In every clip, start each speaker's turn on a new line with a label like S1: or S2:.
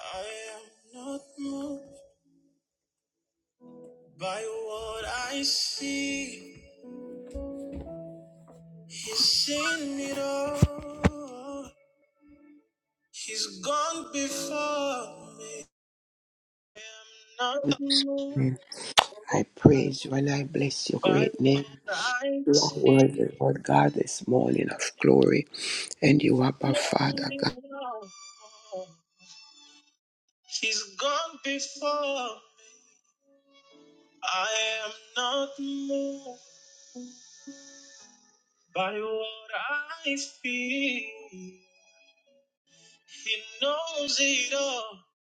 S1: I am not moved by what I see. He's seen it all. He's gone before me. I am not moved
S2: I praise you and I bless your
S1: by
S2: great name.
S1: what I
S2: You are worthy,
S1: see.
S2: Lord God, this morning of glory, and you are our
S1: He's seen
S2: Father, God.
S1: it all. He's gone before. I am not moved by what I feel. He knows it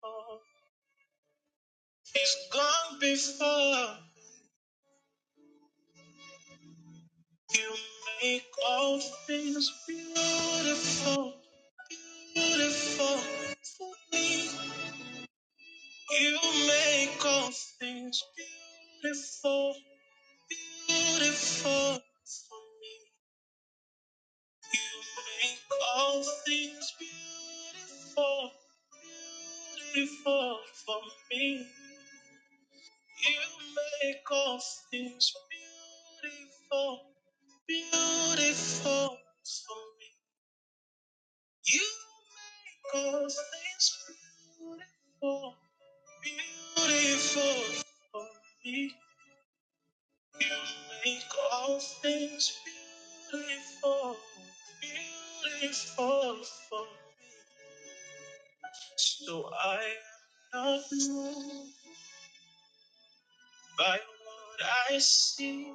S1: all. He's gone before you make all things beautiful, beautiful for me. You make all things beautiful, beautiful for me. You make all things beautiful, beautiful for me. You make all things beautiful. beautiful for me. You make all things beautiful, beautiful for me. You make all things beautiful, beautiful for me. So I am not moved by what I see.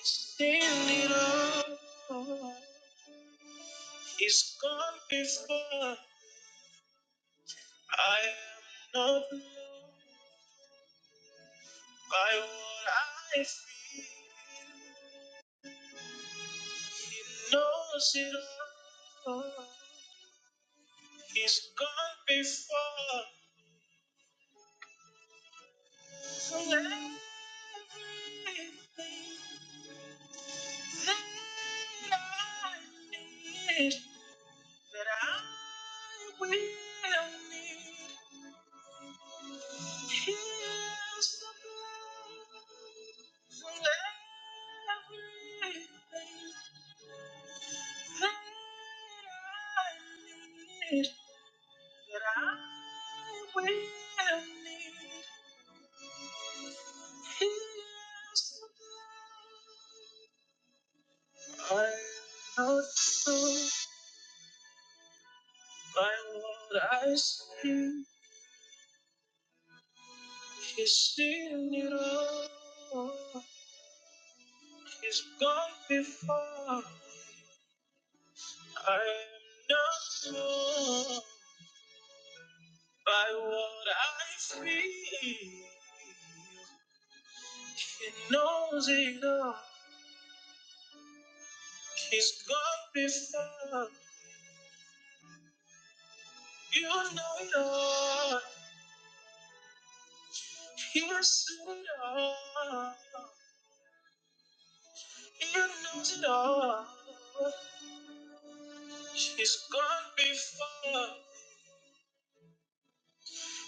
S1: It's in it all. He's gone before. I am not moved by what I feel. He knows it all. He's gone before. From everything that I need, that I will need. Here's the blood for everything that I need, that I will need. Here's the blood. I am so by what I see, he's seen it all. is gone before. I am not moved by what I feel. He knows it all. He's gone before. You know it all. He has seen it all. He knows it all. He's gone before.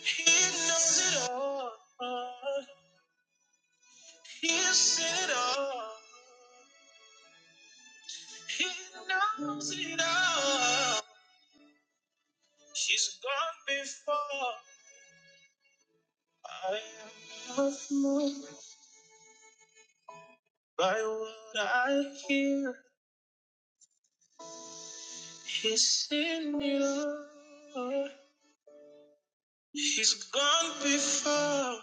S1: He knows it all. He has seen it all. He knows it all. She's gone before. I am not moved by what I hear. He's in you. She's gone before.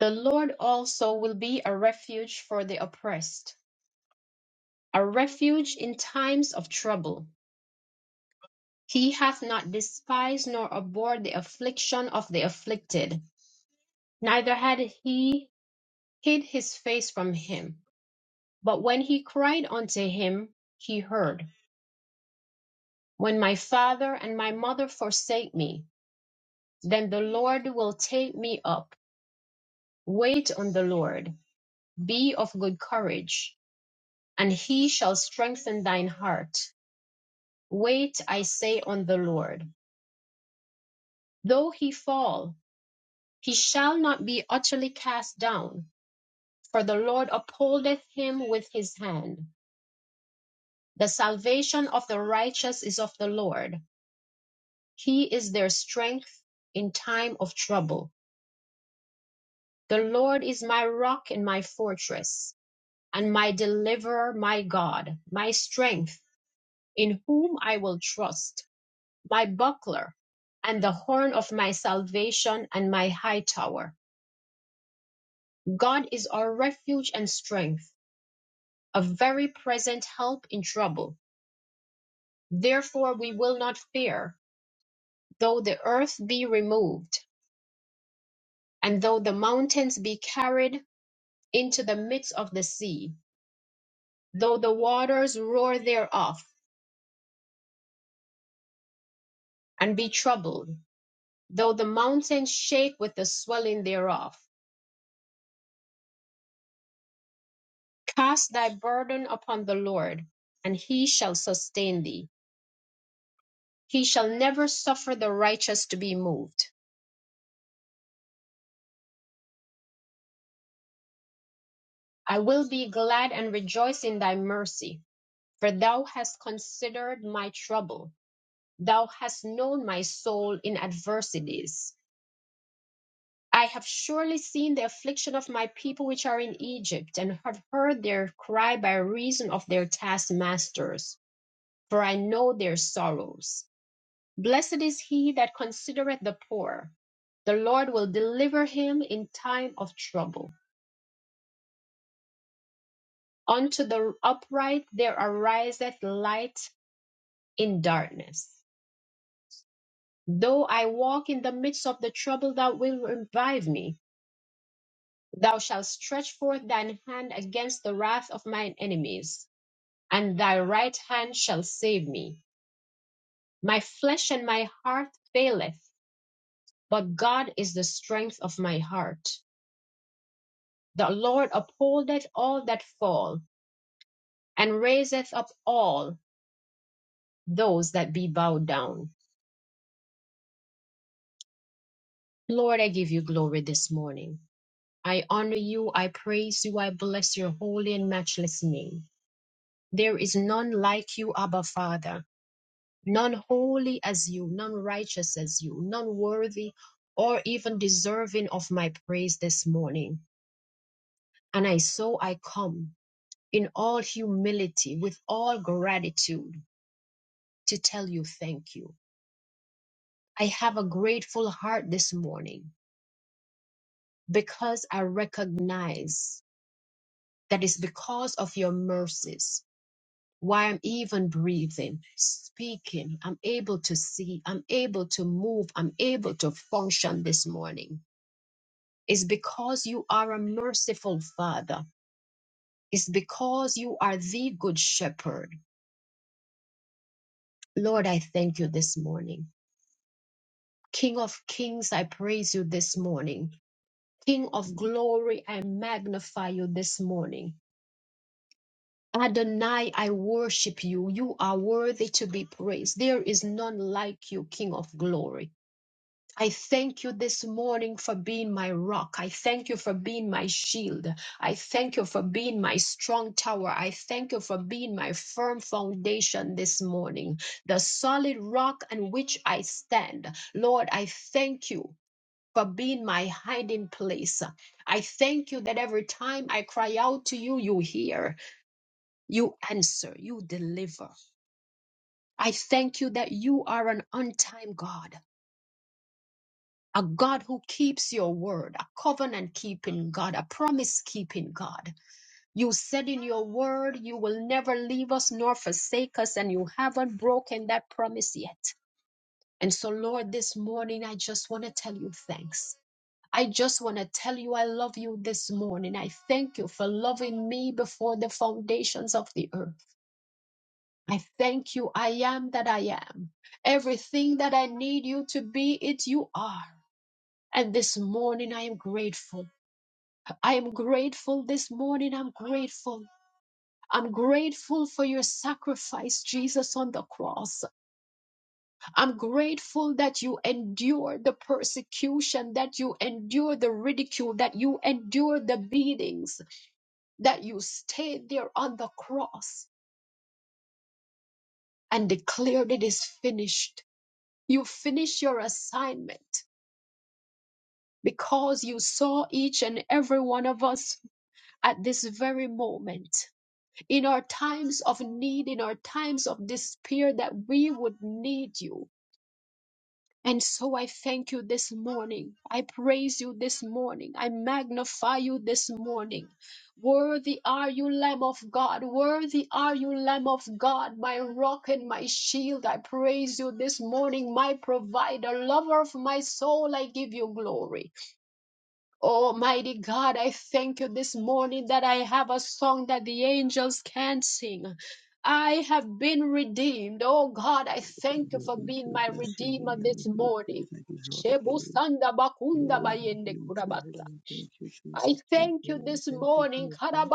S1: The Lord also will be a refuge for the oppressed, a refuge in times of trouble. He hath not despised nor abhorred the affliction of the afflicted, neither had he hid his face from him. But when he cried unto him, he heard, When my father and my mother forsake me, then the Lord will take me up. Wait on the Lord, be of good courage, and he shall strengthen thine heart. Wait, I say, on the Lord. Though he fall, he shall not be utterly cast down, for the Lord upholdeth him with his hand. The salvation of the righteous is of the Lord He is their strength in time of trouble. The Lord is my rock and my fortress, and my deliverer, my God, my strength, in whom I will trust, my buckler, and the horn of my salvation, and my high tower. God is our refuge and strength, a very present help in trouble. Therefore we will not fear, though the earth be removed, and though the mountains be carried into the midst of the sea, though the waters roar thereof, and be troubled, though the mountains shake with the swelling thereof. Cast thy burden upon the Lord, and he shall sustain thee. He shall never suffer the righteous to be moved. I will be glad and rejoice in thy mercy, for thou hast considered my trouble. Thou hast known my soul in adversities I have surely seen the affliction of my people which are in Egypt, and have heard their cry by reason of their taskmasters, for I know their sorrows. Blessed is he that considereth the poor. The Lord will deliver him in time of trouble. Unto the upright there ariseth light in darkness. Though I walk in the midst of the trouble, thou wilt revive me. Thou shalt stretch forth thine hand against the wrath of mine enemies and thy right hand shall save me. My flesh and my heart faileth, but God is the strength of my heart. The Lord upholdeth all that fall, and raiseth up all those that be bowed down. Lord, I give you glory this morning. I honor you, I praise you, I bless your holy and matchless name. There is none like you, Abba Father. none holy as you, none righteous as you, none worthy or even deserving of my praise this morning. And I so I come in all humility, with all gratitude, to tell you thank you. I have a grateful heart this morning because I recognize that it's because of your mercies why I'm even breathing, speaking, I'm able to see, I'm able to move, I'm able to function this morning. It's because you are a merciful Father. It's because you are the good shepherd. Lord, I thank you this morning. King of kings, I praise you this morning. King of glory, I magnify you this morning. Adonai, I worship you. You are worthy to be praised. There is none like you, King of glory. I thank you this morning for being my rock. I thank you for being my shield. I thank you for being my strong tower. I thank you for being my firm foundation this morning, the solid rock on which I stand. Lord, I thank you. For being my hiding place. I thank you that every time I cry out to you, you hear, you answer, you deliver. I thank you that you are an on time God. a God who keeps your word, a covenant keeping God, a promise keeping God. You said in your word, you will never leave us nor forsake us, and you haven't broken that promise yet. And so, Lord, this morning, I just want to tell you thanks. I just want to tell you I love you this morning. I thank you for loving me before the foundations of the earth. I thank you. I am that I am. Everything that I need you to be, it you are. And this morning I am grateful. I am grateful this morning. I'm grateful. I'm grateful for your sacrifice, Jesus, on the cross. I'm grateful that you endured the persecution, that you endured the ridicule, that you endured the beatings, that you stayed there on the cross and declared it is finished. You finished your assignment because you saw each and every one of us at this very moment in our times of need, in our times of despair, that we would need you. And so I thank you this morning. I praise you this morning. I magnify you this morning. Worthy are you, Lamb of God. Worthy are you, Lamb of God, my rock and my shield. I praise you this morning, my provider, lover of my soul. I give you glory. Almighty God, I thank you this morning that I have a song that the angels can sing. I have been redeemed. Oh God, I thank you
S3: Lord,
S1: for
S3: thank you.
S1: being
S3: We
S1: my
S3: bless you. We
S1: redeemer
S3: name
S1: this
S3: you. We
S1: morning.
S3: praise and give you all the
S1: Shebu
S3: glory.
S1: sanda bakunda
S3: Glory and
S1: bayende
S3: honor to your
S1: kurabasa.
S3: holy name. Thank you,
S1: I
S3: Jesus. Thank
S1: thank
S3: you,
S1: you
S3: Lord.
S1: this
S3: Thank you,
S1: morning.
S3: King of Kings.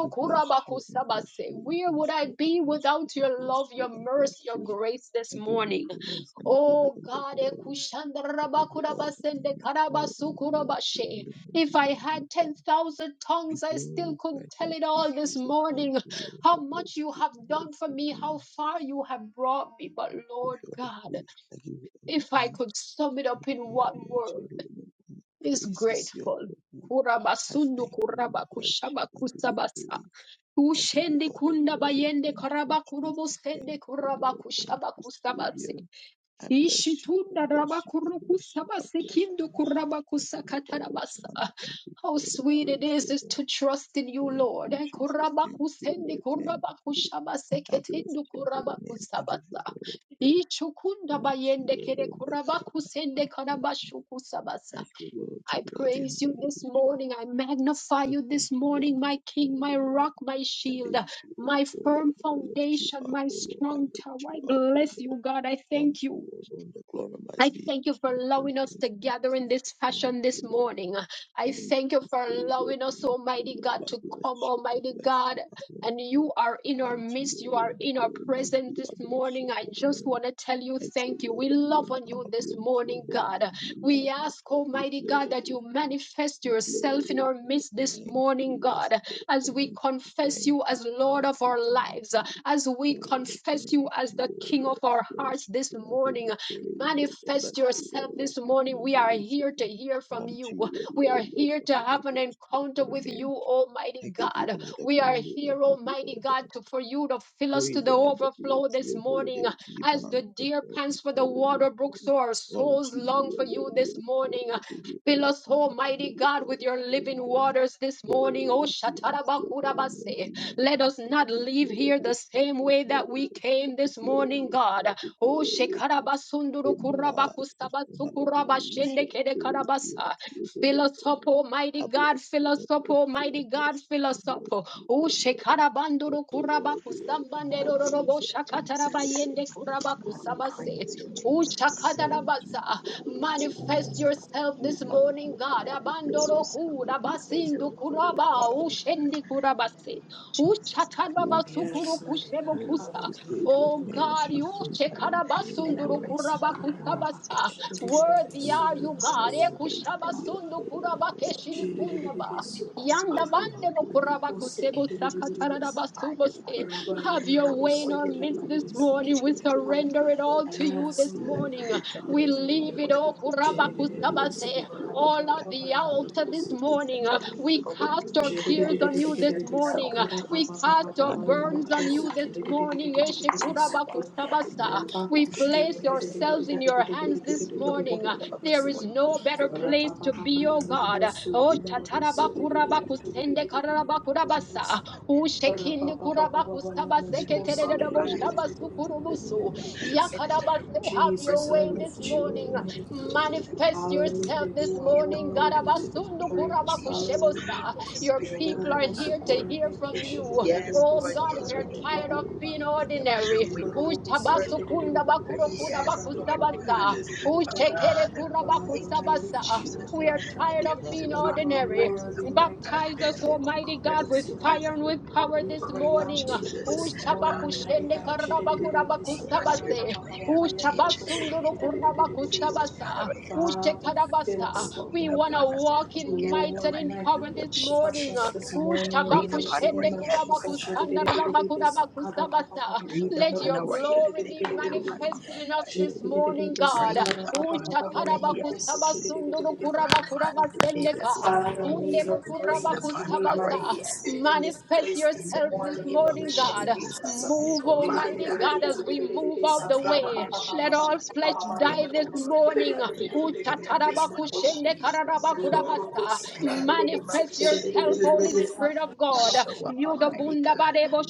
S3: I bless you. I bless
S1: kurabakusabase.
S3: you. I
S1: Where
S3: bless
S1: would I
S3: you. I
S1: be
S3: bless you.
S1: without
S3: I
S1: your
S3: bless
S1: love,
S3: you.
S1: your
S3: I bless
S1: mercy, your
S3: you.
S1: grace this
S3: I give you
S1: morning?
S3: praise and I give you
S1: Oh
S3: all the
S1: God,
S3: glory. I give you all the
S1: ekushandarabakurabasende
S3: honor. All honor be unto your
S1: karabasukurabashe.
S3: holy name.
S1: if
S3: Be
S1: I had
S3: magnified.
S1: 10,000
S3: Be
S1: tongues, I still
S3: glorified.
S1: couldn't tell
S3: Thank
S1: it
S3: you,
S1: all this
S3: Jesus. Thank
S1: morning.
S3: you, Lord. I
S1: How much
S3: bless
S1: you
S3: you.
S1: have
S3: I bless
S1: done for
S3: you.
S1: me,
S3: I
S1: how
S3: give
S1: far you have brought me. But Lord
S3: you all the
S1: God,
S3: praise. I give you all the
S1: if I
S3: honor.
S1: could sum it up in
S3: and I we
S1: one
S3: are
S1: word
S3: your holy name. All
S1: is
S3: Praise is your
S1: grateful.
S3: name. I
S1: Kurabasundu
S3: thank you and
S1: kuraba
S3: bless you.
S1: kushaba
S3: I give you
S1: kusabasa.
S3: praise. I give you
S1: Ushende
S3: all the
S1: kunda
S3: glory.
S1: bayende
S3: Thank you,
S1: karaba kurobo
S3: Jesus.
S1: sende
S3: Thank you,
S1: kuraba
S3: Lord. Thank
S1: kushaba
S3: you,
S1: kusabasi.
S3: Savior. I bless you. I
S1: Ishitunda raba
S3: bless you. I
S1: kuru
S3: bless you. I
S1: kusabasi
S3: bless
S1: kindu
S3: you.
S1: kuraba
S3: I give you all the
S1: kusakatarabasa.
S3: honor. I give you
S1: How
S3: all the
S1: sweet it
S3: praise,
S1: is,
S3: oh
S1: is
S3: God.
S1: to trust in you,
S3: Thank
S1: Lord.
S3: you,
S1: Eh,
S3: Jesus.
S1: Kuraba
S3: Thank you,
S1: kusendi
S3: Lord. Thank
S1: kuraba
S3: you.
S1: kushaba
S3: I bless
S1: seketindu
S3: your
S1: kuraba
S3: holy name. I give you
S1: kusabasa.
S3: all the praise.
S1: Ishukunda
S3: Unto you
S1: bayende kere
S3: alone, the
S1: kuraba
S3: glory must be
S1: kusende karaba shukusabasa.
S3: Thank you, Lord, to
S1: I
S3: Lord, you
S1: praise you this
S3: hallelujah.
S1: morning. I magnify
S3: I
S1: you
S3: thank
S1: this
S3: you, I
S1: morning, my
S3: bless your
S1: King, my
S3: holy name.
S1: rock, my
S3: I
S1: shield,
S3: lift you up,
S1: my
S3: O
S1: firm
S3: Lord. I lift you
S1: foundation,
S3: up,
S1: my
S3: O Lord. I
S1: strong
S3: lift
S1: tower. I
S3: you up, O
S1: bless you,
S3: Lord.
S1: God. I thank
S3: Unto
S1: you.
S3: you alone the glory
S1: I
S3: must be
S1: thank you for
S3: King of
S1: allowing us
S3: Kings.
S1: to
S3: Thank
S1: gather
S3: you,
S1: in
S3: Jesus.
S1: this
S3: Thank
S1: fashion this
S3: you, Lord.
S1: morning. I
S3: Thank
S1: thank you
S3: you,
S1: for
S3: Savior.
S1: allowing us,
S3: Thank you,
S1: Almighty
S3: Lord.
S1: God,
S3: I
S1: to
S3: bless
S1: come,
S3: you. I
S1: Almighty
S3: bless you.
S1: God.
S3: I bless
S1: And
S3: you.
S1: you are in our
S3: Unto you
S1: midst. You are
S3: alone the
S1: in our
S3: glory must
S1: presence
S3: be. I
S1: this
S3: bless
S1: morning.
S3: your
S1: I
S3: holy
S1: just
S3: name.
S1: want to tell you
S3: Thank you,
S1: thank you.
S3: Lord.
S1: We
S3: We
S1: love on
S3: honor
S1: you
S3: of you
S1: this
S3: and to your
S1: morning,
S3: holy
S1: God.
S3: name. Be
S1: We ask,
S3: magnified. Be
S1: Almighty God, that you
S3: glorified.
S1: manifest
S3: Be
S1: yourself in our
S3: glorified.
S1: midst this
S3: Thank
S1: morning,
S3: you. Yes,
S1: God,
S3: Lord.
S1: as we
S3: Thank you.
S1: confess
S3: Thank
S1: you
S3: you.
S1: as Lord
S3: Thank
S1: of
S3: you.
S1: our
S3: Thank
S1: lives,
S3: you.
S1: as we
S3: Father, thank
S1: confess you as
S3: you,
S1: the
S3: oh
S1: King of
S3: Lord. I
S1: our
S3: bless
S1: hearts this
S3: you. I give
S1: morning
S3: you praise, oh God. I
S1: Manifest
S3: give you
S1: yourself
S3: all
S1: this
S3: the
S1: morning. We are
S3: adoration
S1: here to hear from
S3: unto
S1: you.
S3: you
S1: We are
S3: alone, oh
S1: here to
S3: God. I
S1: have an
S3: bless your
S1: encounter
S3: holy
S1: with you,
S3: name.
S1: Almighty
S3: I give you
S1: God.
S3: all the
S1: We are
S3: glory. I
S1: here,
S3: give you
S1: Almighty
S3: all the
S1: God, to, for you to fill us to
S3: praise
S1: the
S3: and honor be
S1: overflow
S3: to
S1: this
S3: your holy
S1: morning.
S3: name. Be
S1: As the
S3: magnified.
S1: deer
S3: Be
S1: pants for the
S3: glorified.
S1: water brook, so our
S3: Unto
S1: souls long
S3: you
S1: for you
S3: alone,
S1: this
S3: yes, Lord,
S1: morning.
S3: I give you
S1: Fill
S3: all
S1: us,
S3: honor, I give
S1: Almighty
S3: you
S1: God,
S3: all
S1: with your
S3: praise
S1: living
S3: and
S1: waters this morning. Oh,
S3: praise be unto your holy name,
S1: Shatarabakurabase.
S3: be
S1: Let us not
S3: magnified, be
S1: leave here the
S3: glorified,
S1: same
S3: be
S1: way that we
S3: glorified,
S1: came
S3: be
S1: this morning, God.
S3: glorified, be
S1: Oh,
S3: glorified.
S1: shekarabasunduru
S3: Emma, Krishna,
S1: kurabakusabatsu
S3: hallelujah.
S1: kurabashende kede
S3: Praise you,
S1: karabasa.
S3: Jesus,
S1: Fill
S3: holy
S1: us up,
S3: name.
S1: Almighty
S3: I bless
S1: God. Fill
S3: you, I
S1: us up,
S3: bless you, I
S1: Almighty
S3: bless
S1: God.
S3: you,
S1: Fill
S3: I
S1: us up.
S3: bless you, O
S1: Oh,
S3: Lord. I
S1: shekarabanduru
S3: say, worthy, worthy,
S1: kurabakusambanderorobo
S3: hallelujah.
S4: Hallelujah,
S3: Unto you, O
S4: Jesus.
S3: Lord,
S1: shakatarabayende
S3: I
S4: we
S3: bless your
S1: kurabakusabase.
S4: praise
S3: holy
S4: you,
S1: Oh,
S3: name.
S4: Jesus.
S3: Unto
S1: shakadarabasa.
S3: you, O Lord, O
S4: Jesus,
S1: Manifest
S4: hallelujah.
S3: God.
S1: yourself
S3: Be
S1: this morning, God.
S3: magnified, be
S4: Manifest
S1: Abandoro
S4: yourself,
S3: glorified,
S4: Lord
S3: be
S4: God. Let your
S1: kurabasindu
S4: glory
S3: exalted, O
S1: kuraba.
S4: fill us,
S3: God.
S4: Lord
S1: Oh,
S3: I
S4: God. In
S1: shendi
S4: the
S1: kurabase.
S4: name of
S1: Oh,
S4: Jesus, God,
S3: Thank
S4: we
S3: you,
S4: thank you,
S5: Yes,
S1: shatarabasukuru
S3: Jesus.
S5: mighty God,
S1: kushebo
S4: hallelujah, for
S3: Thank
S4: what
S1: kusa.
S3: you,
S4: you're
S5: hallelujah.
S4: going to
S3: Savior.
S4: do
S1: Oh
S5: Thank
S4: on
S5: you,
S3: Thank
S1: God,
S4: this
S3: you,
S1: you
S4: line,
S3: soon
S5: Jesus.
S4: Lord God.
S3: coming King.
S4: And
S3: I
S4: I
S1: shekarabasunduru
S4: pray
S5: Shidididebe
S4: in the
S3: bless
S4: mighty
S5: sakara
S4: name of
S3: you.
S4: Jesus
S5: habake,
S1: kurabakutabasa.
S4: that as you show us
S5: shidididebe
S1: Worthy
S3: We
S4: your
S1: are
S4: mighty
S1: you,
S3: invite
S4: and
S5: suyanorobo
S3: you,
S4: strong,
S1: God.
S3: I
S4: Lord
S5: sakara
S3: invite
S4: God,
S3: you,
S4: that we
S3: yes,
S4: will
S1: Ekushabasundu
S3: Lord,
S4: hear
S5: hababaya,
S3: I
S4: your voice,
S3: invite
S4: Lord
S3: you
S4: God,
S3: in the
S1: kurabakeshirikundaba.
S4: and
S3: mighty
S5: shidididebe
S4: that we
S3: name of
S4: will
S3: Jesus.
S5: sukora
S3: I
S4: respond
S3: say,
S5: bababa,
S3: have
S1: Yandabandebo
S3: your
S4: accordingly
S3: way,
S4: in the
S5: norobo
S3: King of
S4: mighty
S1: kurabakusebo
S3: Kings,
S4: name of
S3: have your way,
S4: Jesus.
S5: sekidididebe
S4: Let
S3: and
S4: the
S5: sa,
S4: fire,
S3: have
S1: sakatarabasubose.
S3: your
S4: Father
S3: way,
S4: God,
S5: rabaya
S1: Have
S3: yes,
S1: your
S4: come
S3: Lord,
S5: norobo
S1: way
S3: have
S1: in
S4: forth
S1: our
S4: in
S3: your
S4: the
S3: way
S1: midst
S4: mighty
S3: in
S5: sedididebe
S1: this
S3: the
S4: name of
S1: morning.
S3: mighty
S1: We
S3: name
S4: Jesus,
S3: of
S5: sekidididebe.
S4: Father
S1: surrender
S3: Jesus.
S1: it
S4: God. We
S1: all to
S4: ask
S3: Christ.
S4: you,
S1: you
S5: Yes,
S4: Lord
S1: this
S3: We
S5: mighty
S4: God
S1: morning.
S5: God,
S3: invite
S4: that
S3: you
S4: the
S1: We
S3: this
S4: rhema
S3: morning,
S1: leave
S5: hallelujah.
S1: it
S3: we
S4: word,
S3: say,
S1: all
S4: Lord
S3: take
S4: Jesus, will
S3: dominion,
S4: be
S3: Lord, your
S5: Shidididebe
S4: released
S3: name
S1: kurabakusabase.
S3: be
S4: even
S5: sukora
S4: on this
S1: All at
S4: line
S3: glorified.
S4: in
S5: bababa,
S1: the
S4: the mighty
S3: Have
S1: altar
S5: norobo
S3: your
S4: name
S1: this
S3: way this
S4: Jesus, that
S1: morning.
S4: your
S3: morning,
S5: sekidididebe.
S1: We
S3: take
S4: people, will
S1: cast our
S3: dominion,
S5: Sakara
S3: and
S1: cares
S4: have
S3: let
S4: been
S1: on
S3: your
S1: you this
S3: name
S4: prepared
S3: be
S4: to not
S1: morning.
S4: only to
S1: We
S3: glorified.
S5: Papa
S4: receive,
S5: Papa
S1: cast
S4: but
S1: your
S3: In
S5: Papa
S4: Father
S3: the
S5: and the
S1: burdens
S4: God,
S1: on
S3: mighty
S1: you
S5: Posiki
S1: this
S3: name of
S4: hallelujah,
S1: morning.
S4: Lord
S3: Jesus,
S4: Jesus, you
S3: we
S4: have
S3: say,
S5: Sutu
S4: already,
S3: take
S4: already Lord
S1: Eshekurabakusabasa.
S3: dominion,
S4: God,
S5: Rampa
S3: take
S1: We
S5: Kushti
S1: place
S3: dominion,
S5: and the
S3: O
S4: prepared them,
S3: Lord
S4: Lord
S1: yourselves in
S4: God, to
S1: your
S3: let
S1: hands
S3: let
S4: release
S1: this
S4: the
S1: morning.
S4: word of the
S1: There is
S4: Lord
S3: let
S4: this
S1: no better
S4: morning.
S5: Rapa
S1: place to
S5: Papa
S1: be,
S5: and
S1: O
S3: your
S5: the
S1: God.
S5: Rosu
S1: Oh,
S5: and the Robos
S1: shatarabakurabakuse karabakurabasa.
S5: Rapa
S1: Ushekinde
S5: Papa Papa and the
S4: Jesus, all rise.
S1: kurabakusabaseketerededoboshabasukurubusu.
S5: Robosiki.
S4: Minister, direct
S1: Yakarabase,
S3: name
S4: the
S1: have
S5: Jesus,
S1: your
S4: words
S5: I
S4: of your
S1: way
S4: Lord
S1: this
S5: lift you up,
S1: morning.
S5: mighty God.
S4: Jesus.
S1: Manifest yourself
S5: Hallelujah.
S1: this
S5: You are
S4: see in the
S1: morning.
S4: book in
S5: worthy to be
S4: the
S1: Garabasundu
S4: name of
S5: praised.
S4: Jesus.
S1: kurabakushebosa.
S5: Hallelujah.
S4: Oh,
S1: Your
S4: Spirit
S1: people
S4: God.
S1: are
S5: Jororobo
S3: be
S1: here to
S4: Um,
S1: hear
S5: sokorebe
S3: glorified.
S1: from
S3: Let
S1: you.
S3: your name be
S4: yes,
S5: keshedededebe
S1: Oh
S4: Lord.
S3: magnified.
S1: God,
S3: Let
S4: Yes,
S1: we
S3: your
S4: we
S5: sakara
S1: are
S4: need,
S3: name be
S1: tired
S4: it.
S5: papa
S1: of being
S5: papaya.
S1: ordinary.
S4: we need
S5: Yororobo
S4: a word from you.
S1: Ushabasukunda
S3: Thank you.
S1: bakuro
S5: sekedededebe
S1: kuda
S4: Yes,
S5: sara
S3: Thank
S4: Lord
S3: you,
S5: papa
S3: Lord.
S4: God.
S1: bakusabasa.
S3: Yes, Lord. Thank
S5: keshedededebe.
S3: you,
S1: Ushekere
S4: Father,
S3: In
S1: kuna
S3: the
S5: Father,
S4: thank
S5: I
S4: you,
S3: name of
S4: Lord
S5: lift
S1: bakusabasa.
S5: you
S3: Jesus
S4: Jesus,
S5: up,
S1: We
S5: my
S1: are
S4: that
S1: tired
S5: God.
S4: there
S1: of
S4: is
S1: being
S4: an
S3: Ikaya
S5: You
S4: army
S5: are
S3: kabran
S1: ordinary.
S4: rising up.
S5: worthy,
S3: dasya
S5: my
S4: God.
S1: Baptize
S3: bakaya
S5: God.
S1: us,
S4: There's a
S5: Draw
S1: Almighty
S3: bakabran
S1: God,
S4: remnant
S1: with
S5: close,
S3: dasya
S5: mighty
S1: fire
S5: God.
S4: rising
S1: and
S3: bakon
S4: up
S1: with
S4: in
S3: loro
S1: power
S5: We
S1: this
S4: the
S3: boka
S5: cry
S4: name of
S5: out
S1: morning.
S3: ande
S5: to
S3: bere
S5: you
S4: Jesus.
S3: be
S5: this
S3: kayan
S5: morning,
S4: Hallelujah.
S5: mighty
S1: Ushabakushende
S3: takara
S5: God.
S1: karabakura
S3: tika
S4: Take
S3: kaya
S4: our
S3: kayan
S1: bakusabase.
S4: spiritual
S3: takara anda
S4: heritage
S3: daya
S4: in
S1: Ushabasunduru
S4: the name of
S3: bakon
S4: Jesus, Father.
S1: kurabakusabasa.
S4: I ask you.
S5: Father, fill
S3: have
S1: Ushekarabasa.
S3: your
S5: us
S3: way
S5: up,
S1: We
S4: Breathe
S5: my
S3: Lord
S1: want to
S4: upon
S3: please
S5: God.
S4: us
S3: Lord
S1: walk
S4: once
S3: have
S1: in
S3: your
S4: again in
S3: way
S4: the
S1: might and
S5: Lord,
S1: in
S4: mighty
S5: my God,
S1: power
S3: in
S4: name
S3: the
S4: of
S1: this
S3: mighty
S5: refresh
S1: morning.
S4: Jesus,
S3: name
S5: us
S1: uh.
S4: Lord
S5: this
S3: of Jesus
S5: morning
S4: God.
S5: in the
S3: have
S4: Breathe
S3: your way
S4: upon
S5: mighty
S4: our
S5: name
S1: Ushabakushende
S5: of
S3: have your
S4: yes,
S3: way
S4: Lord
S5: Jesus.
S3: have
S4: God.
S3: your way
S1: kurabakusanda rabakurabakusabasa.
S3: Jesus
S4: Breathe
S1: Let
S4: upon
S3: Christ,
S1: your
S3: in
S4: our
S3: the we
S4: yes.
S1: glory
S3: take
S4: Take
S3: the
S1: be
S4: it to
S3: dominion
S4: man's
S3: and
S1: manifested
S4: young
S3: that
S1: in us
S4: eye.
S3: for
S1: this
S3: the Lord be
S1: morning, God.
S4: Breathe
S3: glorified.
S4: upon
S3: Take
S4: our
S3: dominion, take
S4: yes.
S3: dominion, take dominion,
S4: Ramandi
S3: take
S1: Uchatarabakasabasundurukurabakurabaseneka.
S4: Devasi.
S3: dominion,
S5: Father,
S3: O
S5: may
S3: Lord,
S5: your
S3: take
S4: Breathe
S5: presence
S3: dominion.
S5: be
S4: upon
S5: made
S4: our
S1: Undebukurabakusabasa.
S4: yes.
S5: manifested in this
S1: Manifest
S5: place
S4: In
S5: this
S4: the
S1: yourself this
S3: And
S5: morning in
S4: name
S3: so
S5: the
S4: of
S3: have
S1: morning,
S5: name
S3: your
S5: of
S3: way,
S1: God.
S3: just Lord,
S4: Jesus.
S3: have
S1: Move,
S3: your way in
S1: Almighty
S3: Jesus.
S1: God, as
S4: Omandaya.
S3: name.
S1: we move
S4: In
S3: in
S1: out
S3: the
S1: the
S4: the name
S3: name
S1: way.
S4: of
S3: of the
S1: Let all
S4: Jesus,
S1: flesh
S4: Father.
S1: die
S4: Thank
S1: this
S4: you, Lord
S1: morning.
S4: God.
S3: Jesus'
S4: In the
S3: name,
S4: name of
S1: Utatarabakushende
S4: Jesus.
S1: kararabakudabasa.
S4: In the name of
S1: Manifest yourself, Holy
S4: Jesus.
S1: Spirit of God.
S4: Show up, Almighty God.
S1: Yudabundabarebo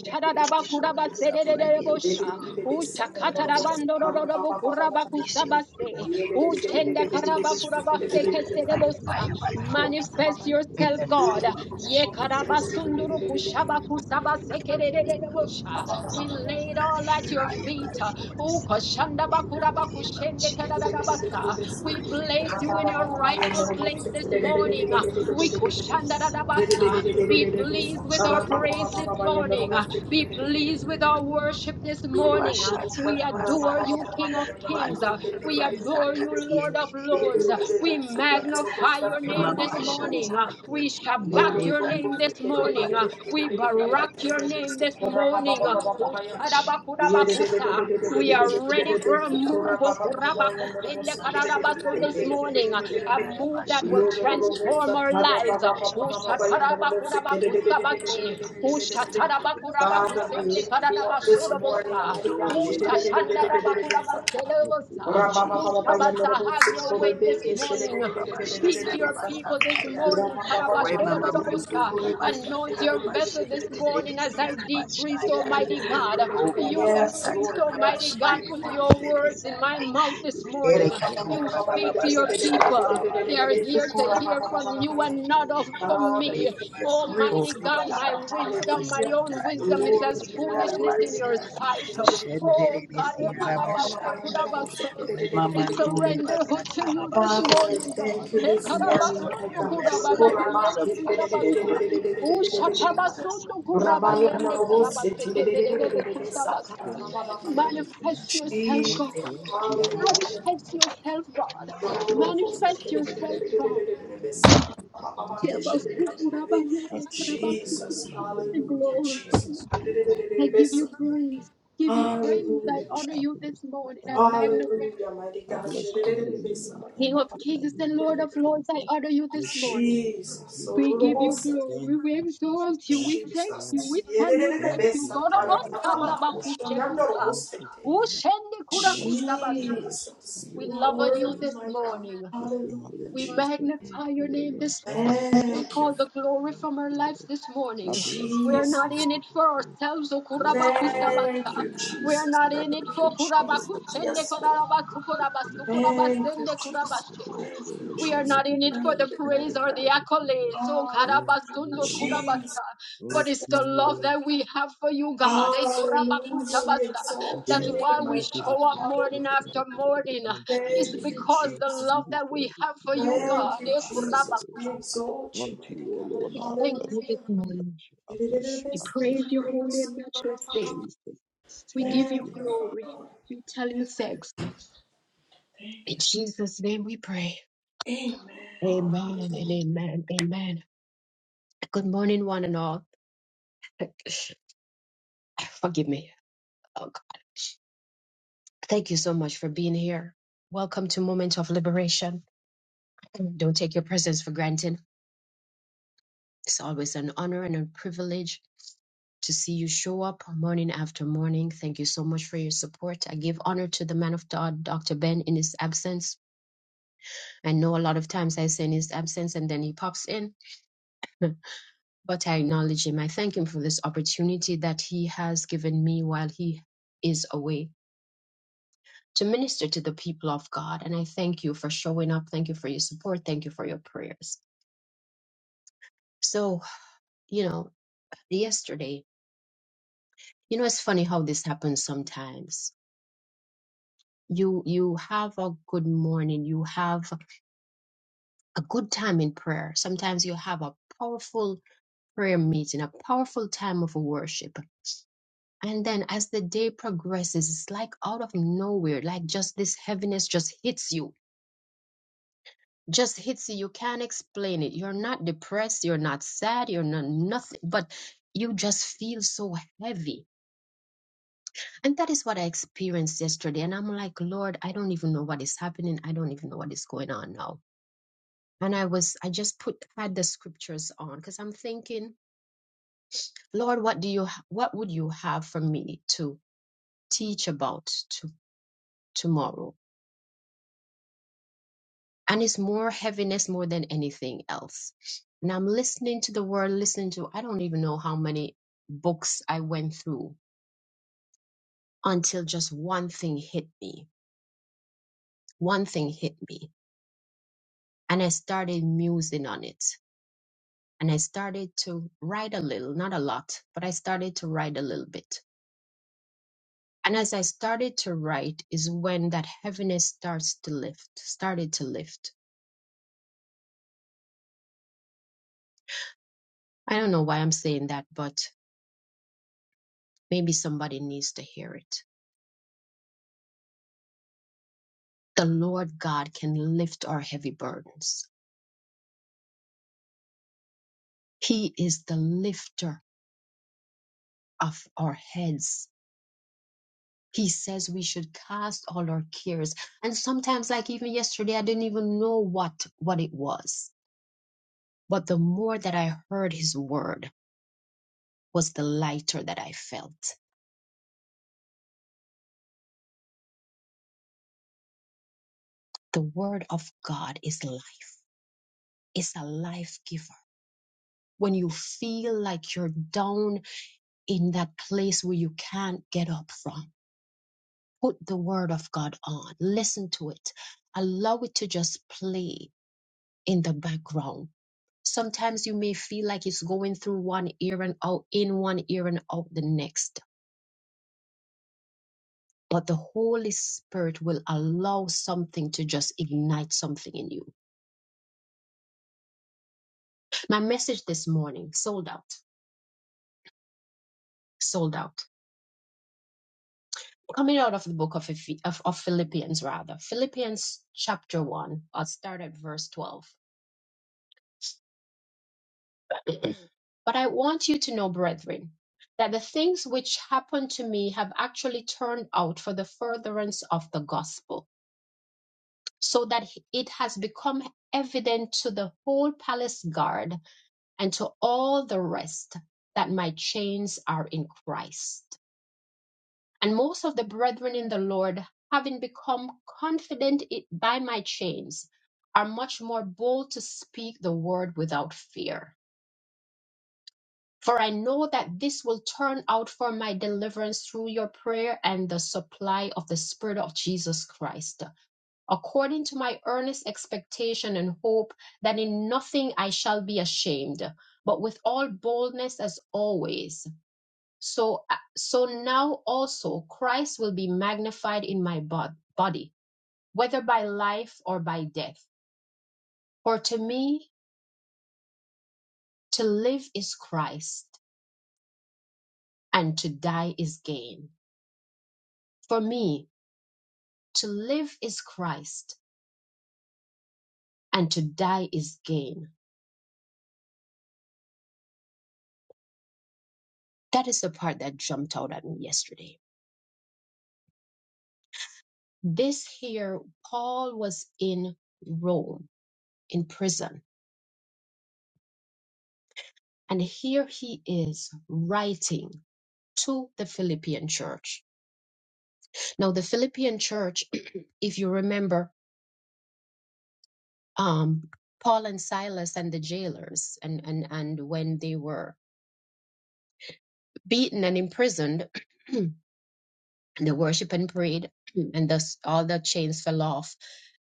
S4: Show yourself
S3: We
S4: mighty and
S3: invite you,
S1: shadadabakudabasedededebosha.
S3: we
S4: strong.
S3: invite you in the
S4: Release your
S3: mighty name
S4: power.
S3: of Jesus. We
S4: Release your
S3: invite you.
S1: Uchakatarabandororobokurabakusabase.
S4: glory.
S3: Please do have
S4: Release
S3: your
S4: your
S3: way, have
S4: strength
S3: your way.
S5: Jesus.
S4: by
S3: In
S1: Uchendekarabakudabasekesedebosa.
S4: fire, by
S3: Jesus' mighty
S4: force.
S3: name,
S1: Manifest
S3: please do
S4: In
S1: yourself,
S4: the
S3: have your
S1: God.
S4: name
S3: way.
S4: of
S3: In the
S4: Jesus.
S3: mighty name
S1: Yekarabasunduru
S3: of Jesus, please do have
S4: In the
S3: your way.
S4: name of
S3: Yes, Lord, have
S4: Jesus.
S1: We
S3: your way.
S1: lay it
S4: By
S1: all at
S3: In
S1: your
S4: fire, by
S3: Jesus'
S1: feet.
S3: mighty
S4: force.
S3: name, have your
S4: In
S3: way, O
S4: the
S3: Lord.
S4: name of Jesus.
S1: Ukoshandabakudabakushendekarabasa.
S3: Have your
S1: We
S4: By
S3: way,
S1: place
S4: fire,
S1: you in
S4: by
S1: your
S3: have your
S5: I'm
S1: rightful
S4: force.
S3: way,
S4: In
S1: place
S3: have
S1: this
S3: your way.
S4: the
S1: morning.
S4: name
S3: We
S4: of
S1: We
S3: call upon
S4: Jesus.
S3: our
S1: kushandarabasa.
S3: master,
S4: Hallelujah.
S1: Be
S3: our Lord,
S1: pleased
S3: our
S1: with our
S3: Lord,
S1: praise
S4: Jesus.
S1: this
S3: our
S1: morning.
S4: Hallelujah.
S1: Be pleased with our
S3: Lord, our
S1: worship
S3: Lord.
S1: this
S3: We
S1: morning.
S3: call upon our master, our
S1: We adore
S4: Messiah.
S3: Lord,
S1: you, King of
S3: our
S1: Kings.
S3: Lord, our
S1: We
S3: Lord.
S1: adore you, Lord of Lords. We
S4: Manukubimasakatiyendereberukasembaya.
S1: magnify your
S3: Thank
S1: name
S3: you.
S1: this
S5: the robot.
S1: morning. uh,
S4: Remamashataya.
S1: We
S5: Father, we
S1: shabak
S5: lift
S1: your name this morning. uh, We barak your name
S4: Irebandukurabandelekanabasataya.
S1: this morning. uh,
S4: In the
S1: oh,
S4: name of Jesus.
S1: shadabakurabakusa. We are ready for a move oh,
S4: Sekitondarabasia.
S1: kurabakusendekarabaso this morning. uh, A move that will
S4: Manserebebesekitiandayabashaya.
S1: transform our
S4: Name
S1: lives. uh,
S4: of
S1: oh,
S4: Jesus.
S1: shatarabakurabakuse,
S4: Name of
S1: oh,
S4: Jesus.
S1: shatarabakurabakuse,
S4: Katarabashe.
S5: you up this morning,
S1: ndekarabasodobosa,
S5: mighty God.
S1: oh,
S4: Mandovebashataya.
S1: shatandarabakurabaseleosa.
S5: Rama Baba Baya
S1: Utabasa,
S5: Lord,
S1: have
S5: sit
S1: your
S5: for a
S1: way
S5: day,
S1: this
S5: sit for a day,
S1: morning.
S3: Father, we
S1: Speak to
S3: lift
S1: your
S3: you up,
S1: people this
S3: Father,
S4: Rebesurabasatarabasataya.
S3: we
S1: morning.
S3: lift
S5: Rama
S3: you up
S5: Baba
S3: In the
S5: Baya
S3: mighty
S5: Lord,
S3: name of
S5: sit
S1: Karabashkedadadabosa.
S5: for a
S3: Jesus.
S1: Anoint your
S3: I speak
S1: vessel
S3: to
S1: this
S3: the
S1: morning
S3: government,
S1: as
S3: to
S1: I
S3: the government,
S1: decrease,
S3: to
S5: day.
S4: Remamamandurebasatarabasheketerebesiarabashaya.
S3: the
S1: Almighty
S3: government.
S1: God.
S3: This
S1: You
S3: is
S5: Yes,
S3: my
S1: increase,
S5: Lord, yes,
S1: Almighty
S3: government. I
S1: God.
S5: mighty
S1: Put
S3: have
S5: God.
S3: your
S1: your
S3: way.
S1: words
S3: Yes,
S1: in
S3: I
S1: my
S4: Robababasatarabashemememendebesaya.
S3: have
S1: mouth
S3: your
S1: this
S3: way.
S1: morning.
S3: What am I
S1: You
S3: to do?
S1: speak to your
S3: This is
S1: people.
S3: my spirit.
S1: They are
S3: You
S1: here to hear from you and
S3: have
S4: Erekatorabababasatarababamanderebesuramamashekete.
S3: your
S1: not
S3: way.
S1: of,
S3: Yes,
S1: from
S3: Lord.
S5: Father, we
S1: me.
S5: give you praise,
S1: Almighty
S5: my
S1: God, my
S5: God.
S1: wisdom,
S3: Have
S1: my
S3: your way. Have your way. Have your
S5: Hallelujah.
S1: own
S4: Lebabazotorebasatarabasadaya.
S1: wisdom is
S5: Lord,
S1: as
S5: you
S3: way.
S5: are
S3: Yes,
S1: foolishness
S3: Lord.
S1: in
S5: worthy,
S1: your
S3: Have
S4: Ekesianaramansia.
S3: your way.
S1: sight.
S3: Mm.
S1: Oh
S3: The
S1: God,
S3: good
S5: my
S3: and the legend and
S4: Shenderebesiarabashaya.
S3: the glorified.
S1: I surrender
S5: God.
S1: who to
S3: The name
S1: you
S3: of the
S1: this
S5: Father, I
S3: glorified. The
S4: Remamandulebasatarabasekete.
S1: morning,
S3: name of
S1: God.
S5: thank you
S1: He
S5: this
S3: glorified.
S4: Yes,
S3: In the
S5: morning,
S4: Lord,
S5: my
S4: your
S1: karabasundo
S3: mighty
S5: God.
S3: name of
S4: vessel, your
S1: kurababa
S3: Jesus.
S4: vessel
S1: yende
S5: Yokorabaki-
S4: is
S3: I
S4: your
S3: pray
S1: kurabasa.
S4: word
S3: that you will give them in the name of Jesus
S1: Ushatabasundo
S3: Christ and
S1: kuraba
S3: then
S5: Rabaya
S3: take
S1: yende
S3: them in the
S5: Morobose,
S3: mighty
S1: karabaseke
S3: name of
S1: dedede
S3: Jesus
S1: bukusabasa.
S3: Thank you,
S5: Sakara,
S3: Lord. Thank
S1: Manifest
S3: you,
S1: yourself,
S3: Jesus.
S4: in the
S1: God.
S5: Jesus,
S4: name
S3: Thank you for
S4: of
S3: your
S1: Manifest
S3: kindness.
S1: yourself, God.
S3: I
S4: Jesus.
S3: bless you in
S1: Manifest
S3: the name
S1: yourself,
S3: of
S1: God.
S3: Jesus. I bless you. I thank you and I bless
S1: Shebasu
S3: you.
S1: kuraba
S5: hallelujah.
S1: yende
S3: As the world, the
S1: karabasu
S3: world,
S5: Jesus,
S3: the
S1: kurabasa. I
S3: hallelujah.
S5: hallelujah,
S1: glorify
S3: Thank
S1: you.
S5: Jesus.
S3: you, Lord.
S1: I
S3: Thank
S1: give
S3: you,
S1: you
S3: King
S1: praise. Give you
S3: Thank you,
S1: praise. I
S5: Hallelujah,
S3: Savior.
S1: honor
S3: I
S1: you this
S3: bless you.
S1: morning.
S3: And
S1: I
S3: I give you praise.
S1: magnify.
S5: hallelujah, mighty
S3: I
S5: God.
S3: bless your holy name and I
S1: King
S3: thank
S1: of
S3: you and I
S1: kings
S3: give
S1: and
S3: you
S1: Lord
S3: all
S1: of lords,
S3: praise.
S1: I
S3: I
S1: honor you
S3: bless
S1: this
S3: you
S1: morning.
S3: all and I
S5: Jesus,
S3: give unto
S1: We
S3: your
S1: give
S3: holy
S1: you
S3: name.
S5: Ororobosa,
S1: glory.
S3: Thank
S1: We
S3: you, Jesus.
S1: exalt you.
S3: Thank
S1: We
S3: you,
S1: thank
S5: Jesus,
S1: you.
S3: Father.
S1: We tell you
S3: Thank
S1: thank you.
S3: you,
S5: Yererebesa,
S1: God
S3: Father. Thank
S5: Tarababa,
S3: you, Father. Thank you,
S5: Kushanandorobosete.
S3: Father. I bless you. I bless you. I
S5: Jesus,
S1: We
S5: you
S3: bless
S5: are
S1: love
S3: you.
S1: on
S3: I
S1: you
S3: bless
S5: worthy,
S1: this
S5: my God.
S1: morning.
S3: you. I say
S5: Hallelujah,
S1: We
S5: Jesus.
S3: hallelujah
S1: magnify
S3: unto
S1: your
S3: you
S1: name
S3: alone.
S1: this
S3: Thank
S1: morning.
S3: you,
S1: Take
S5: Thank
S3: thank
S5: you,
S1: all the
S3: you,
S1: glory
S3: thank
S1: from our
S3: you,
S1: lives this
S3: Lord. I
S1: morning.
S3: bless you
S1: We're
S5: Jesus.
S1: not
S3: and I
S1: in
S3: give
S1: it
S3: you
S1: for
S3: praise.
S1: ourselves. O
S3: Yes, Lord, unto
S5: Thank
S3: you
S5: you,
S3: alone,
S1: We're
S3: unto
S5: Jesus.
S1: not
S3: you
S5: Thank
S1: in it
S3: alone,
S5: you,
S1: for
S3: unto you
S5: Jesus.
S3: alone is the
S1: kurabakusende
S5: Yes, Lord.
S3: kingdom and the
S1: kurabatu
S3: kingdom
S1: kurabasu
S3: and the
S5: Thank you,
S3: blessing.
S1: kurabasende
S5: Jesus.
S3: I
S1: kurabashe.
S3: bless your
S5: Thank you,
S3: holy
S1: We are
S3: name.
S5: Jesus.
S3: I
S1: not in
S3: give you
S1: it for
S5: Thank
S1: the
S3: praise.
S5: you,
S3: I
S5: mighty
S1: praise
S3: give you
S1: or the
S5: God.
S3: all the glory.
S1: accolades, oh
S3: Unto
S5: Hallelujah.
S3: you
S1: Karabasundo
S3: alone,
S5: Jesus.
S1: Kurabata, but it's
S3: unto
S1: the
S3: you
S1: love
S3: alone.
S1: that we have for you, God. Eh,
S5: Hallelujah. We
S1: Kurabakusabasa.
S3: I
S5: exalt
S1: That's
S5: your
S3: bless
S5: name,
S3: you.
S1: why we
S5: my
S3: I give
S5: God.
S3: you
S1: show up morning
S3: praise. I give you all
S5: Hallelujah.
S1: after
S3: the glory.
S1: morning.
S3: Unto you
S1: It's
S5: Thank
S3: alone,
S5: you,
S3: I
S1: because
S3: cannot
S1: the
S5: Jesus.
S3: thank you.
S1: love that we
S3: deserve it.
S1: have
S3: You
S1: for you,
S3: deserve it.
S1: God.
S5: Thank
S3: You
S5: you,
S1: Eh,
S3: deserve it.
S5: Jesus.
S3: O
S5: We
S1: Kurabakusa.
S3: God.
S5: exalt you,
S3: Unto
S5: mighty
S3: you
S5: God.
S3: alone,
S1: We
S3: I
S1: thank
S3: bless
S1: you this
S3: you.
S5: Hallelujah.
S3: I bless
S1: morning.
S3: you. I bless you.
S1: We
S3: I bless
S1: praise your
S3: you.
S1: holy and matchless name.
S3: Jesus,
S1: We
S3: thank
S1: give you
S5: Thank you, Father. Thank
S3: you.
S5: you.
S1: glory. We tell you thanks.
S5: Thank
S1: In Jesus' name we pray.
S5: you. Amen.
S1: Amen and amen. Amen. Good morning, one and all. Forgive me. Oh God. Thank you so much for being here. Welcome to Moment of Liberation. Don't take your presence for granted. It's always an honor and a privilege to see you show up morning after morning. Thank you so much for your support. I give honor to the man of God, Dr. Ben, in his absence. I know a lot of times I say in his absence and then he pops in, but I acknowledge him. I thank him for this opportunity that he has given me while he is away. to minister to the people of God. And I thank you for showing up. Thank you for your support. Thank you for your prayers. So, you know, yesterday, you know, it's funny how this happens sometimes. You you have a good morning, you have a good time in prayer. Sometimes you have a powerful prayer meeting, a powerful time of worship. And then as the day progresses, it's like out of nowhere, like just this heaviness just hits you just hits you. You can't explain it. You're not depressed. You're not sad. You're not nothing, but you just feel so heavy. And that is what I experienced yesterday. And I'm like, Lord, I don't even know what is happening. I don't even know what is going on now. And I was, I just put had the scriptures on because I'm thinking, Lord, what do you, ha- what would you have for me to teach about to tomorrow? and it's more heaviness more than anything else and i'm listening to the word listening to i don't even know how many books i went through until just one thing hit me one thing hit me and i started musing on it and i started to write a little not a lot but i started to write a little bit and as i started to write is when that heaviness starts to lift started to lift i don't know why i'm saying that but maybe somebody needs to hear it The Lord God can lift our heavy burdens. He is the lifter of our heads. He says we should cast all our cares. And sometimes, like even yesterday, I didn't even know what, what it was. But the more that I heard his word was the lighter that I felt. The word of God is life. It's a life giver. When you feel like you're down in that place where you can't get up from, put the word of God on, listen to it, allow it to just play in the background. Sometimes you may feel like it's going through one ear and out, in one ear and out the next, but the Holy Spirit will allow something to just ignite something in you. My message this morning, sold out, sold out. Coming out of the book of, Eph- of, of Philippians, rather, Philippians chapter 1, I'll start at verse 12. But I want you to know, brethren, that the things which happened to me have actually turned out for the furtherance of the gospel, so that it has become evident to the whole palace guard and to all the rest that my chains are in Christ. And most of the brethren in the Lord, having become confident i- by my chains, are much more bold to speak the word without fear. For I know that this will turn out for my deliverance through your prayer and the supply of the Spirit of Jesus Christ, according to my earnest expectation and hope that in nothing I shall be ashamed, but with all boldness as always. So, uh, so now also Christ will be magnified in my bod- body, whether by life or by death. For to me, to live is Christ, and to die is gain. For me, To live is Christ, and to die is gain. That is the part that jumped out at me yesterday. This here, Paul was in Rome, in prison, and here he is writing to the Philippian church. Now, the Philippian church, if you remember, um, Paul and Silas and the jailers, and, and, and when they were beaten and imprisoned, The worship and prayed, and thus all the chains fell off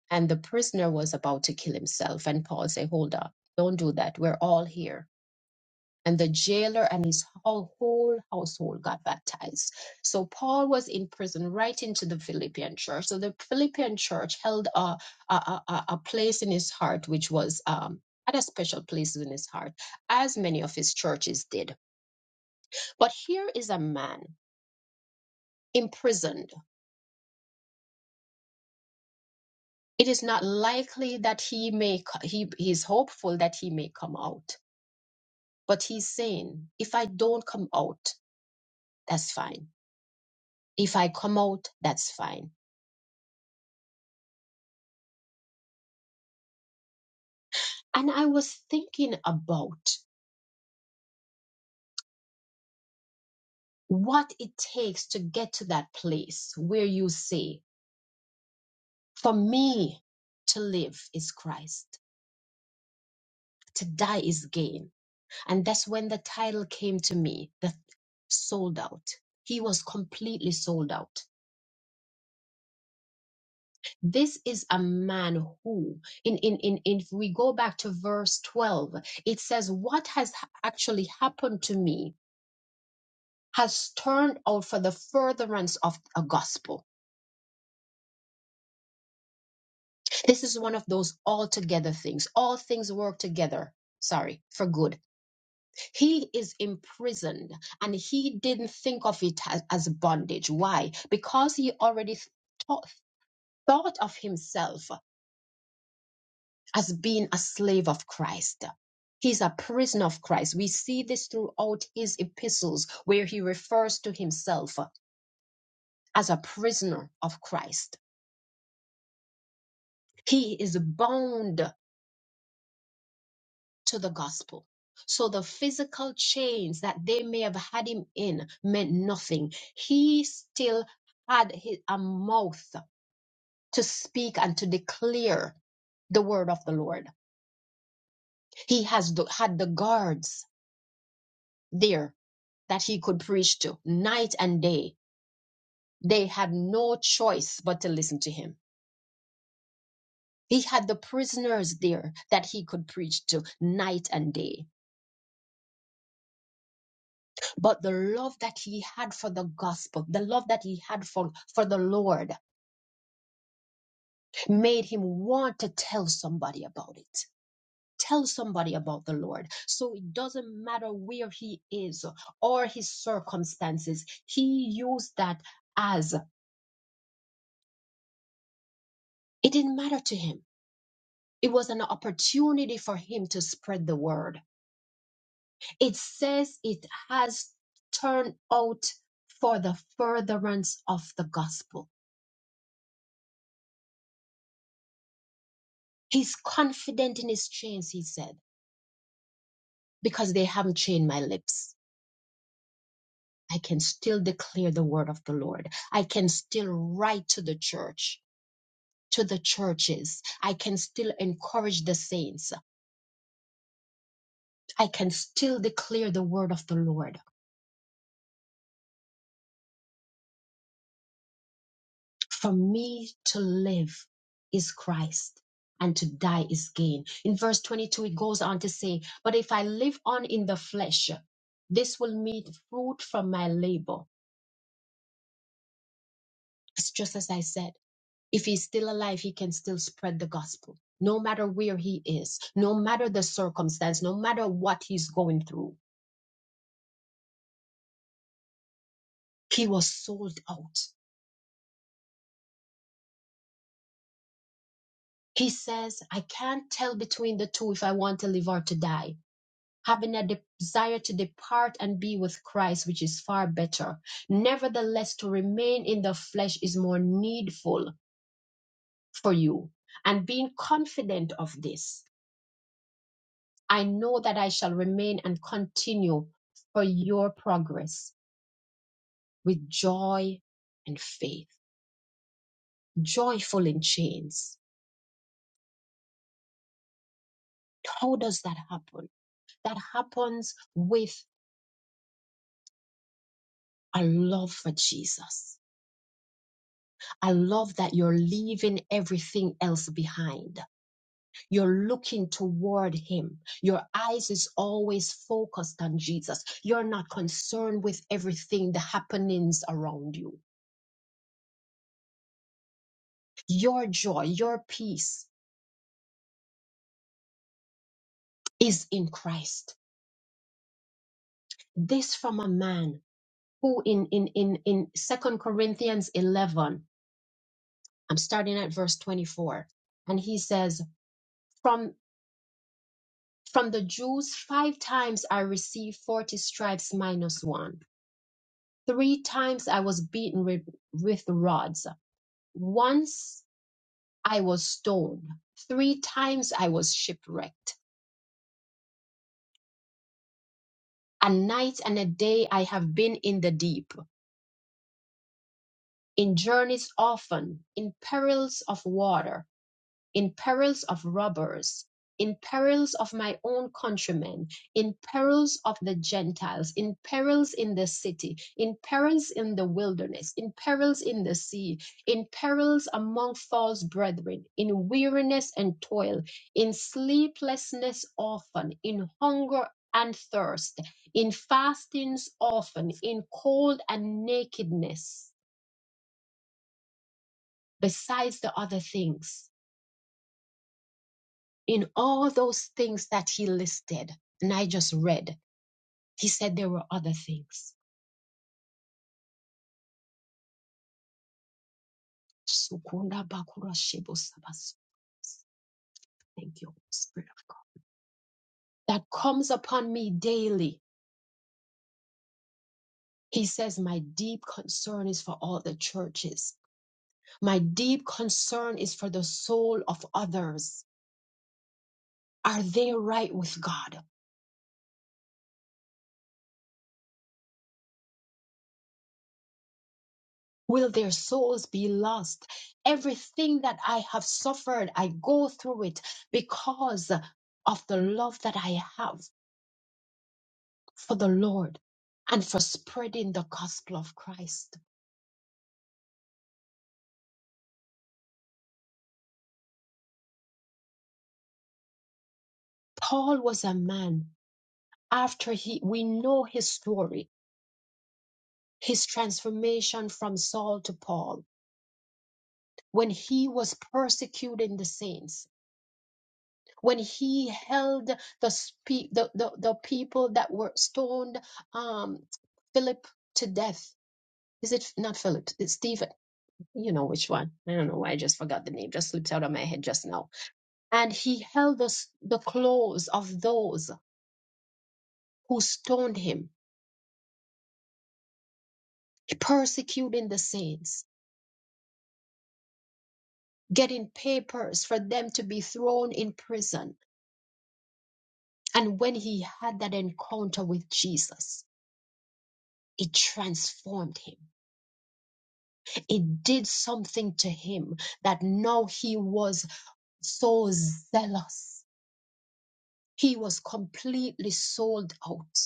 S1: and the prisoner was about to kill himself. And Paul said, Hold up, don't do that. We're all here. And the jailer and his whole, whole household got baptized. So Paul was in prison right into the Philippian church. So the Philippian church held a, a, a, a a place in his heart, which was um, had a special place in his heart, as many of his churches did. But here is a man imprisoned It is not likely that he may, co- he, he's hopeful that he may come out. But he's saying, if I don't come out, that's fine. If I come out, that's fine. And I was thinking about what it takes to get to that place where you say, for me to live is Christ, to die is gain. And that's when the title came to me, the sold out. He was completely sold out this is a man who in, in in in- if we go back to verse 12 it says what has ha- actually happened to me has turned out for the furtherance of a gospel this is one of those altogether things all things work together sorry for good he is imprisoned and he didn't think of it as, as bondage why because he already thought thought of himself as being a slave of Christ. He's a prisoner of Christ. We see this throughout his epistles where he refers to himself as a prisoner of Christ. He is bound to the gospel. So the physical chains that they may have had him in meant nothing. He still had hi- a mouth to speak and to declare the word of the Lord. He has the, had the guards there that he could preach to night and day. They had no choice but to listen to him. He had the prisoners there that he could preach to night and day. But the love that he had for the gospel, the love that he had for, for the Lord, made him want to tell somebody about it. Tell somebody about the Lord. So it doesn't matter where he is or his circumstances, he used that as it didn't matter to him It was an opportunity for him to spread the word. It says it has turned out for the furtherance of the gospel. He's confident in his chains, he said, because they haven't chained my lips. I can still declare the word of the Lord. I can still write to the church, to the churches. I can still encourage the saints. I can still declare the word of the Lord. For me to live is Christ and to die is gain. In verse 22, it goes on to say, But if I live on in the flesh, this will meet fruit from my labor. It's just as I said, if he's still alive, he can still spread the gospel. No matter where he is, no matter the circumstance, no matter what he's going through, he was sold out. He says, I can't tell between the two if I want to live or to die. having a de- desire to depart and be with Christ, which is far better. Nevertheless, to remain in the flesh is more needful for you. And being confident of this, I know that I shall remain and continue for your progress with joy and faith, joyful in chains. How does that happen? That happens with a love for Jesus, a love that you're leaving everything else behind You're looking toward him. Your eyes is always focused on Jesus. You're not concerned with everything, the happenings around you. Your joy, your peace is in Christ. This from a man who in, in, in, in Second Corinthians 11, I'm starting at verse 24, and he says, from, from the Jews, five times I received 40 stripes minus one. Three times I was beaten with, with rods Once I was stoned. Three times I was shipwrecked. A night and a day I have been in the deep, in journeys often, in perils of water. in perils of robbers, in perils of my own countrymen, in perils of the Gentiles, in perils in the city, in perils in the wilderness, in perils in the sea, in perils among false brethren, in weariness and toil, in sleeplessness often, in hunger and thirst, in fastings often, in cold and nakedness, besides the other things. in all those things that he listed and I just read, he said there were other things. Sukunda bakura shibu sabas. Thank you, Spirit of God. That comes upon me daily. He says, My deep concern is for all the churches. My deep concern is for the soul of others. Are they right with God? Will their souls be lost? Everything that I have suffered, I go through it because of the love that I have for the Lord and for spreading the gospel of Christ. Paul was a man after he, we know his story, his transformation from Saul to Paul, when he was persecuting the saints, when he held the, spe- the, the, the people that were stoned, um, Philip to death. Is it not Philip? It's Stephen. You know which one. I don't know why I just forgot the name. Just slipped out of my head just now and he held the, s- the clothes of those. who stoned him, persecuting the saints, getting papers for them to be thrown in prison. And when he had that encounter with Jesus, it transformed him. It did something to him that now he was so zealous. He was completely sold out.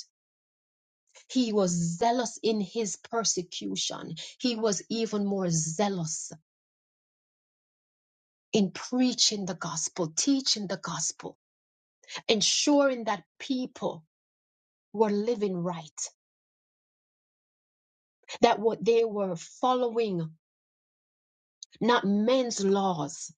S1: He was zealous in his persecution. He was even more zealous in preaching the gospel, teaching the gospel ensuring that people were living right, that what they were following, not men's laws,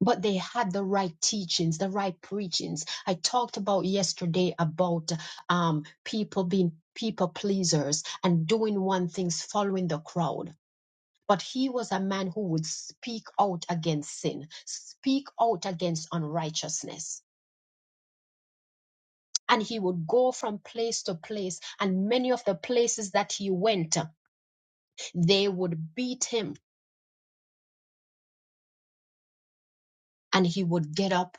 S1: but they had the right teachings, the right preachings. I talked about yesterday about um, people being people pleasers and doing one things, following the crowd. But he was a man who would speak out against sin, speak out against unrighteousness. And he would go from place to place. And many of the places that he went, They would beat him and he would get up,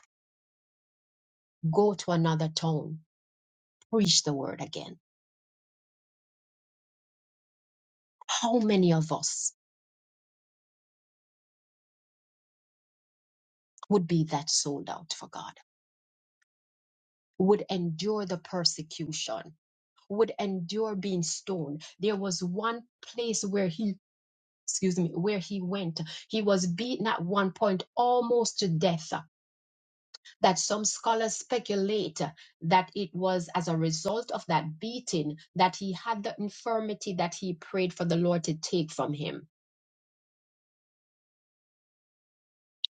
S1: go to another town, preach the word again. How many of us would be that sold out for God? Would endure the persecution, would endure being stoned. There was one place where he, excuse me, where he went. He was beaten at one point almost to death that some scholars speculate that it was as a result of that beating that he had the infirmity that he prayed for the Lord to take from him.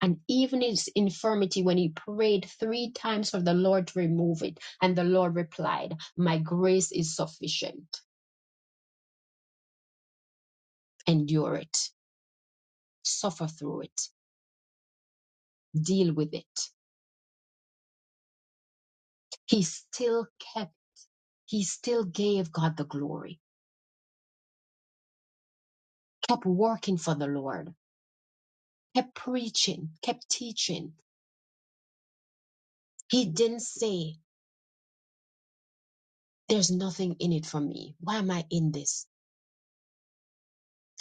S1: And even his infirmity, when he prayed three times for the Lord to remove it, and the Lord replied, My grace is sufficient. Endure it, suffer through it, deal with it. He still kept, he still gave God the glory, kept working for the Lord, kept preaching, kept teaching He didn't say, There's nothing in it for me. Why am I in this?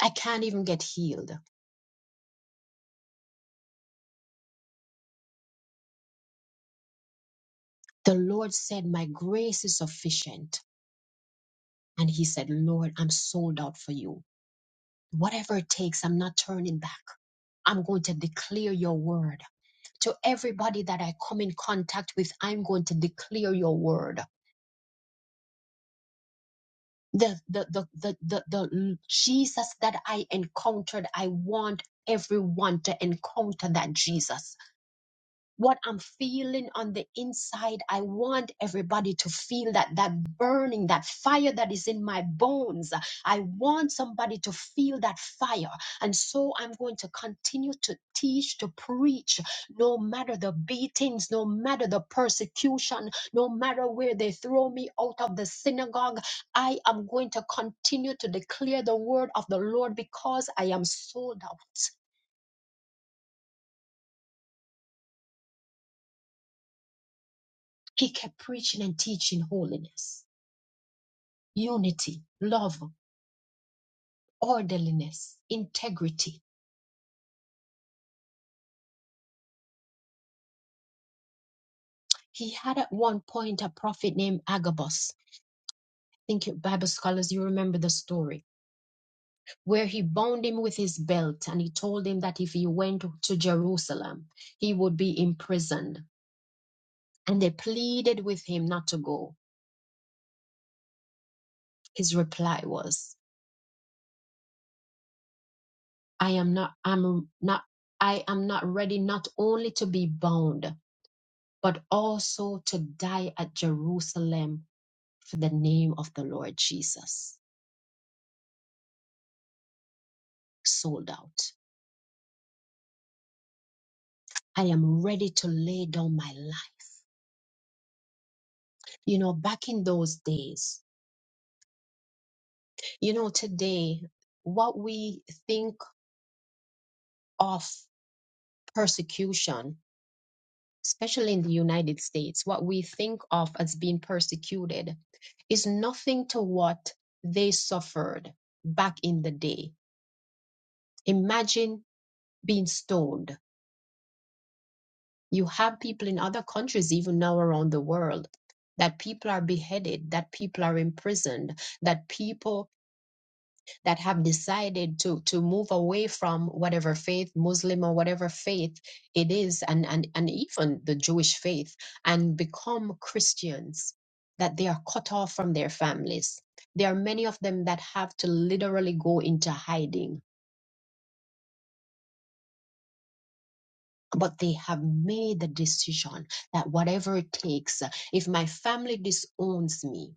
S1: I can't even get healed. The Lord said, My grace is sufficient. And he said, Lord, I'm sold out for you. Whatever it takes, I'm not turning back. I'm going to declare your word. To everybody that I come in contact with, I'm going to declare your word. The, the, the, the, the, the Jesus that I encountered, I want everyone to encounter that Jesus. what I'm feeling on the inside. I want everybody to feel that that burning, that fire that is in my bones. I want somebody to feel that fire. And so I'm going to continue to teach, to preach, no matter the beatings, no matter the persecution, no matter where they throw me out of the synagogue. I am going to continue to declare the word of the Lord because I am sold out. He kept preaching and teaching holiness. unity, love, orderliness, integrity. He had at one point a prophet named Agabus. think you Bible scholars, you remember the story where he bound him with his belt and he told him that if he went to Jerusalem, he would be imprisoned. And they pleaded with him not to go. His reply was, I am not, I'm not, I am not ready not only to be bound, but also to die at Jerusalem for the name of the Lord Jesus. Sold out. I am ready to lay down my life. You know, back in those days, you know, today, what we think of persecution, especially in the United States, what we think of as being persecuted is nothing to what they suffered back in the day. Imagine being stoned You have people in other countries, even now around the world, that people are beheaded, that people are imprisoned, that people that have decided to, to move away from whatever faith, Muslim or whatever faith it is, and, and, and even the Jewish faith, and become Christians, that they are cut off from their families. There are many of them that have to literally go into hiding but they have made the decision that whatever it takes, if my family disowns me,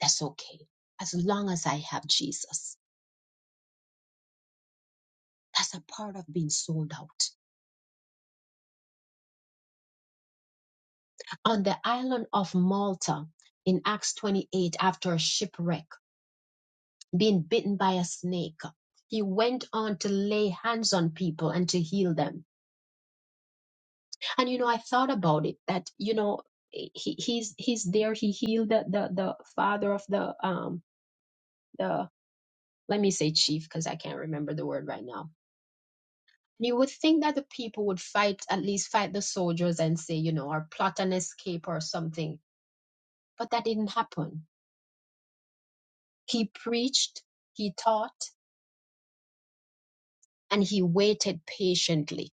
S1: that's okay. As long as I have Jesus, that's a part of being sold out. On the island of Malta in Acts 28, after a shipwreck, being bitten by a snake, he went on to lay hands on people and to heal them. And you know, I thought about it that, you know, he, he's he's there. He healed the, the the father of the um the let me say chief because I can't remember the word right now. You would think that the people would fight, at least fight the soldiers and say, you know, or plot an escape or something. But that didn't happen. He preached, he taught, and he waited patiently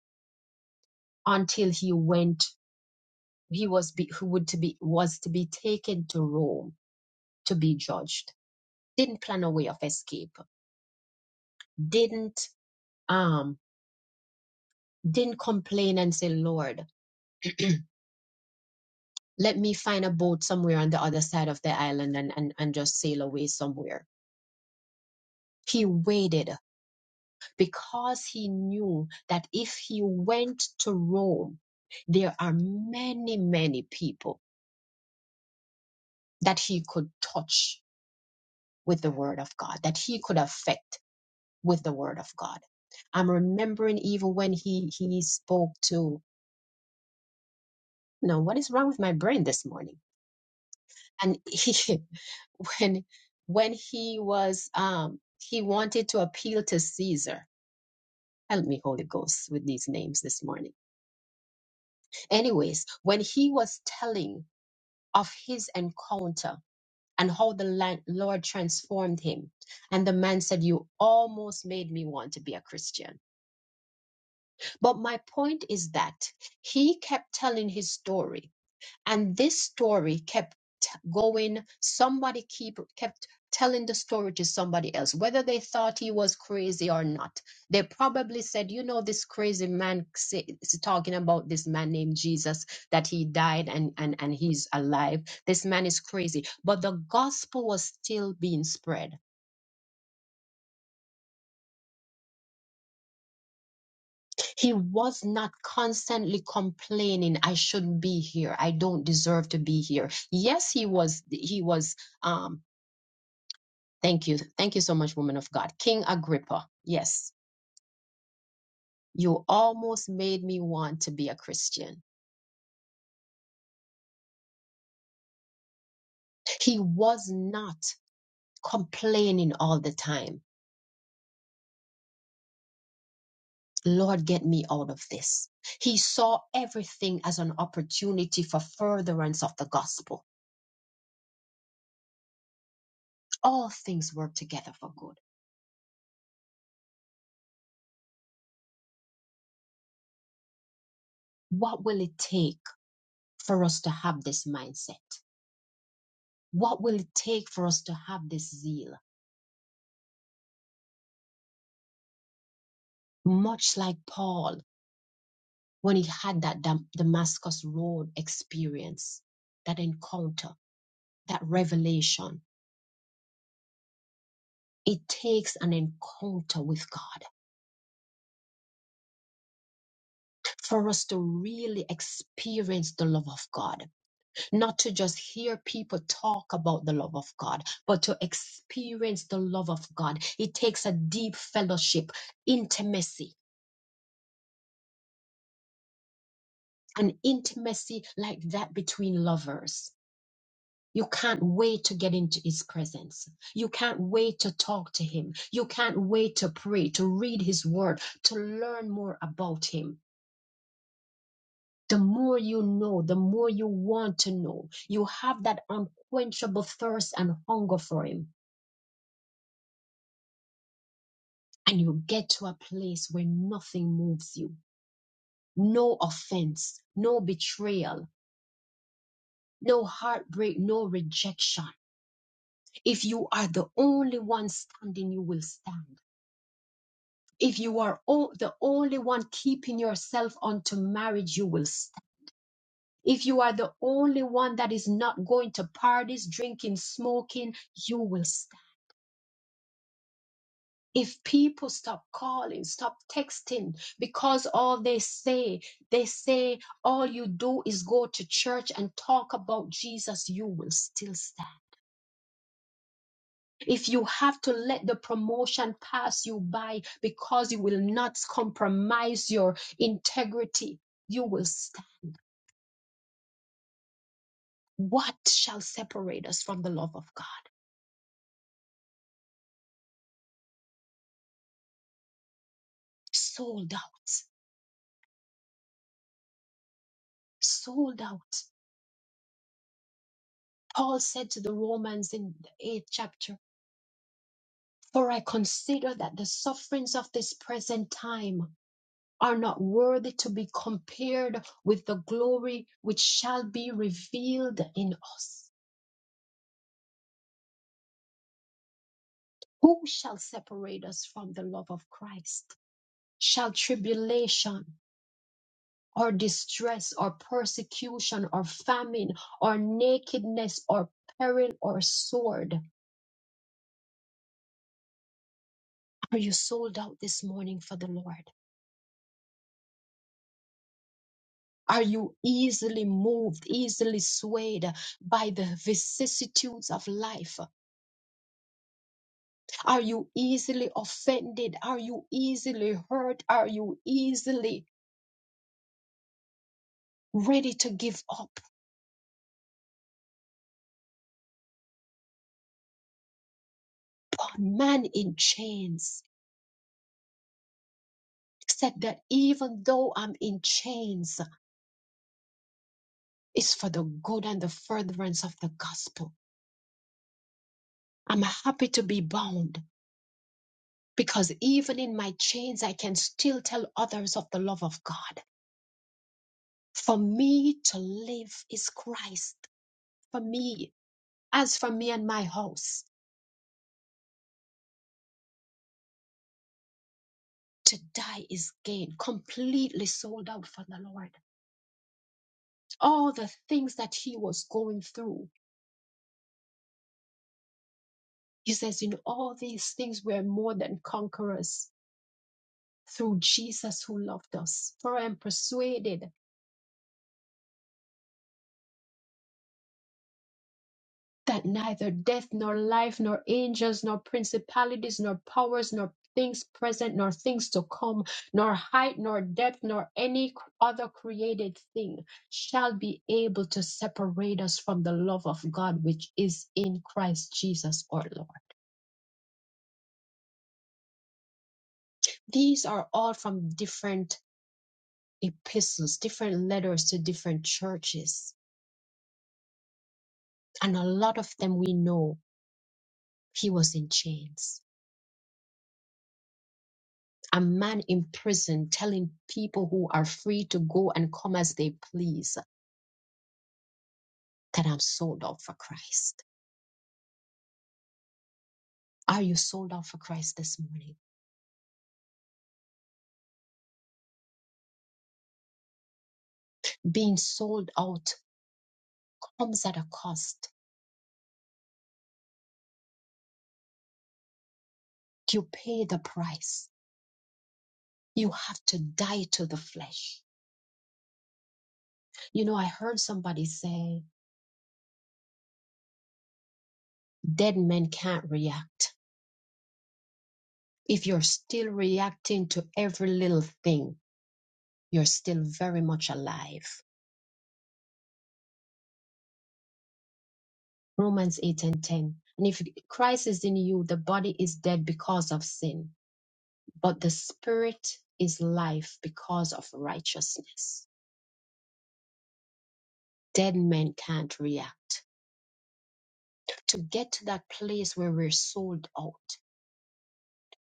S1: until he went, he was, be, who would to be, was to be taken to Rome to be judged. Didn't plan a way of escape. Didn't, um, didn't complain and say, Lord, let me find a boat somewhere on the other side of the island and, and, and just sail away somewhere. He waited because he knew that if he went to Rome, there are many, many people that he could touch with the word of God, that he could affect with the word of God. I'm remembering even when he, he spoke to, you know, what is wrong with my brain this morning? And he. when when he was um he wanted to appeal to Caesar. Help me, Holy Ghost, with these names this morning. Anyways, when he was telling of his encounter and how the land, Lord transformed him, and the man said, You almost made me want to be a Christian. But my point is that he kept telling his story and this story kept going somebody keep kept telling the story to somebody else whether they thought he was crazy or not they probably said you know this crazy man say- is talking about this man named jesus that he died and and and he's alive this man is crazy but the gospel was still being spread he was not constantly complaining i shouldn't be here i don't deserve to be here yes he was he was um Thank you. Thank you so much, woman of God. King Agrippa, yes, you almost made me want to be a Christian. He was not complaining all the time. Lord, get me out of this. He saw everything as an opportunity for furtherance of the gospel. All things work together for good. What will it take for us to have this mindset? What will it take for us to have this zeal? Much like Paul when he had that Dam- Damascus Road experience, that encounter, that revelation. It takes an encounter with God for us to really experience the love of God, not to just hear people talk about the love of God, but to experience the love of God. It takes a deep fellowship, intimacy, an intimacy like that between lovers You can't wait to get into his presence. You can't wait to talk to him. You can't wait to pray, to read his word, to learn more about him. The more you know, the more you want to know. You have that unquenchable thirst and hunger for him. And you get to a place where nothing moves you. No offense, no betrayal, no heartbreak, no rejection. If you are the only one standing, you will stand. if you are o- the only one keeping yourself unto marriage, you will st- If you are the only one that is not going to parties, drinking, smoking, you will stand. If people stop calling, stop texting, because all they say, they say all you do is go to church and talk about Jesus, you will still stand. If you have to let the promotion pass you by because you will not compromise your integrity, you will stand What shall separate us from the love of God? Sold out. Sold out. Paul said to the Romans in the eighth chapter, For I consider that the sufferings of this present time are not worthy to be compared with the glory which shall be revealed in us. Who shall separate us from the love of Christ? Shall tribulation? or distress or persecution or famine or nakedness or peril or sword. Are you sold out this morning for the Lord? Are you easily moved, easily swayed by the vicissitudes of life? Are you easily offended? Are you easily hurt? Are you easily ready to give up? But man in chains said that even though I'm in chains, is for the good and the furtherance of the gospel. I'm happy to be bound because even in my chains, I can still tell others of the love of God. For me to live is Christ. For me, as for me and my house, to die is gain. Completely sold out for the Lord. All the things that he was going through, he says, in all these things, we're more than conquerors through Jesus who loved us. For I am persuaded that neither death nor life nor angels nor principalities nor powers nor things present nor things to come nor height nor depth nor any c- other created thing shall be able to separate us from the love of God which is in Christ Jesus our Lord. These are all from different epistles, different letters to different churches. And a lot of them we know he was in chains a man in prison telling people who are free to go and come as they please that I'm sold out for Christ. Are you sold out for Christ this morning? Being sold out comes at a cost. You pay the price. You have to die to the flesh. You know, I heard somebody say, dead men can't react. If you're still reacting to every little thing, you're still very much alive. Romans 8 and 10. And if Christ is in you, the body is dead because of sin, but the spirit is life because of righteousness. Dead men can't react. To get to that place where we're sold out,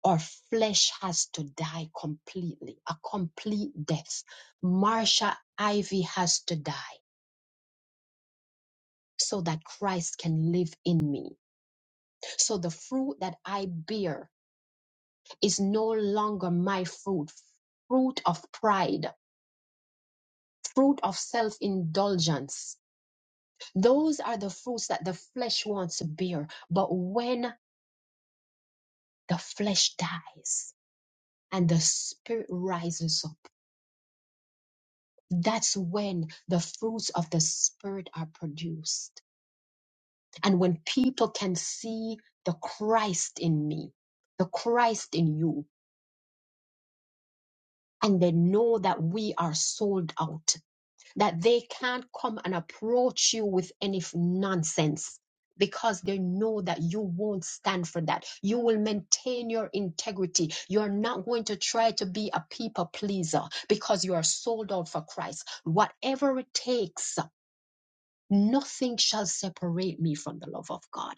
S1: our flesh has to die completely, a complete death. Marsha Ivy has to die so that Christ can live in me. So the fruit that I bear is no longer my fruit, fruit of pride, fruit of self indulgence. Those are the fruits that the flesh wants to bear. But when the flesh dies and the spirit rises up, that's when the fruits of the spirit are produced. And when people can see the Christ in me, the Christ in you, and they know that we are sold out that they can't come and approach you with any f- nonsense because they know that you won't stand for that. You will maintain your integrity. You're not going to try to be a people pleaser because you are sold out for Christ. Whatever it takes, nothing shall separate me from the love of God.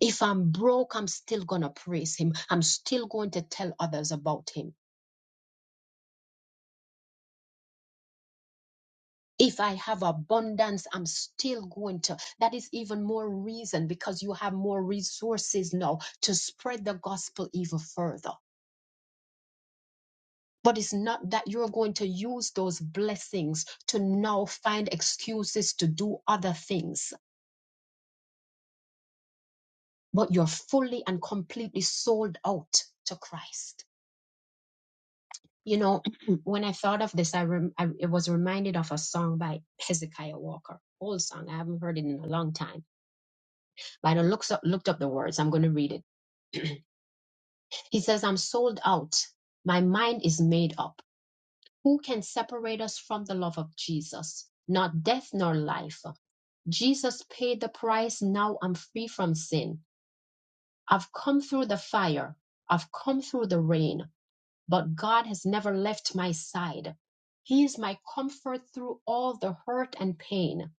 S1: If I'm broke, I'm still going to praise Him. I'm still going to tell others about Him if I have abundance, I'm still going to. That is even more reason because you have more resources now to spread the gospel even further. But it's not that you're going to use those blessings to now find excuses to do other things, but you're fully and completely sold out to Christ. You know, when I thought of this, I, rem- I it was reminded of a song by Hezekiah Walker, old song. I haven't heard it in a long time, but I looked up, looked up the words. I'm going to read it He says, I'm sold out. My mind is made up. Who can separate us from the love of Jesus? Not death nor life. Jesus paid the price. Now I'm free from sin. I've come through the fire. I've come through the rain, but God has never left my side. He is my comfort through all the hurt and pain.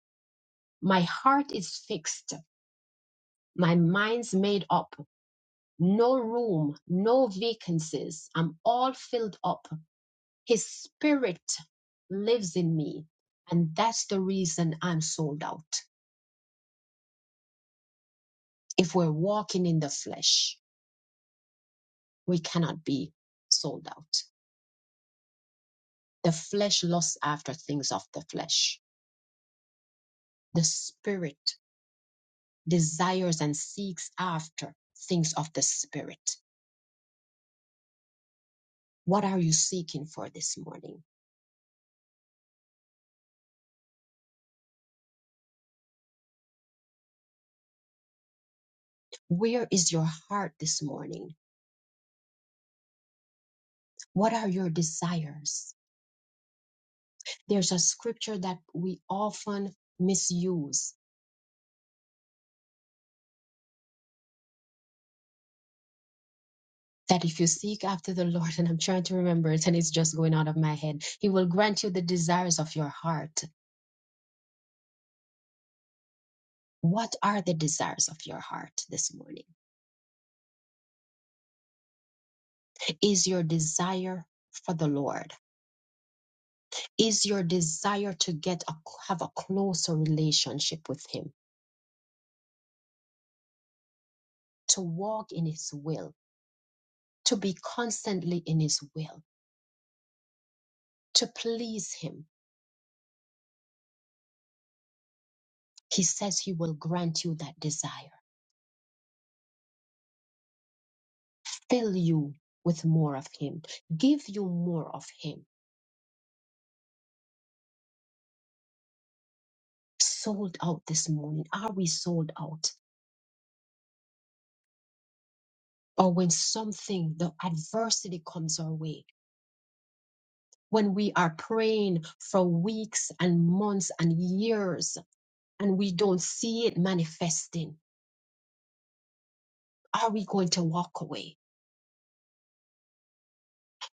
S1: My heart is fixed. My mind's made up. No room, no vacancies. I'm all filled up. His spirit lives in me. And that's the reason I'm sold out. If we're walking in the flesh, we cannot be sold out. The flesh lusts after things of the flesh. The spirit desires and seeks after things of the spirit. What are you seeking for this morning? Where is your heart this morning? What are your desires? There's a scripture that we often misuse that if you seek after the Lord, and I'm trying to remember it and it's just going out of my head, He will grant you the desires of your heart. What are the desires of your heart this morning? Is your desire for the Lord? Is your desire to get a, have a closer relationship with Him, to walk in His will, to be constantly in His will, to please Him? He says He will grant you that desire, fill you with more of Him, give you more of Him sold out this morning? Are we sold out? Or when something, the adversity comes our way, when we are praying for weeks and months and years and we don't see it manifesting, are we going to walk away?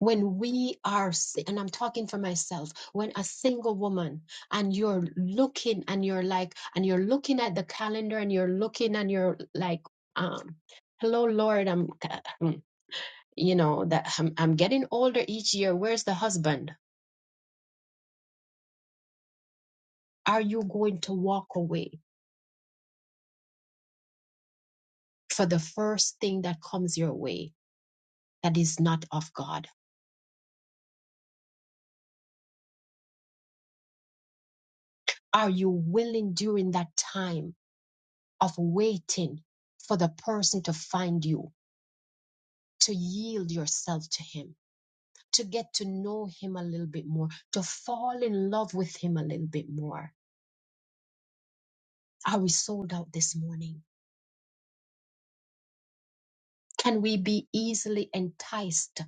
S1: When we are, si- and I'm talking for myself, when a single woman and you're looking and you're like, and you're looking at the calendar and you're looking and you're like, um, hello, Lord, I'm, you know that I'm, I'm getting older each year where's the husband are you going to walk away for the first thing that comes your way that is not of god are you willing during that time of waiting for the person to find you to yield yourself to him to get to know him a little bit more to fall in love with him a little bit more are we sold out this morning can we be easily enticed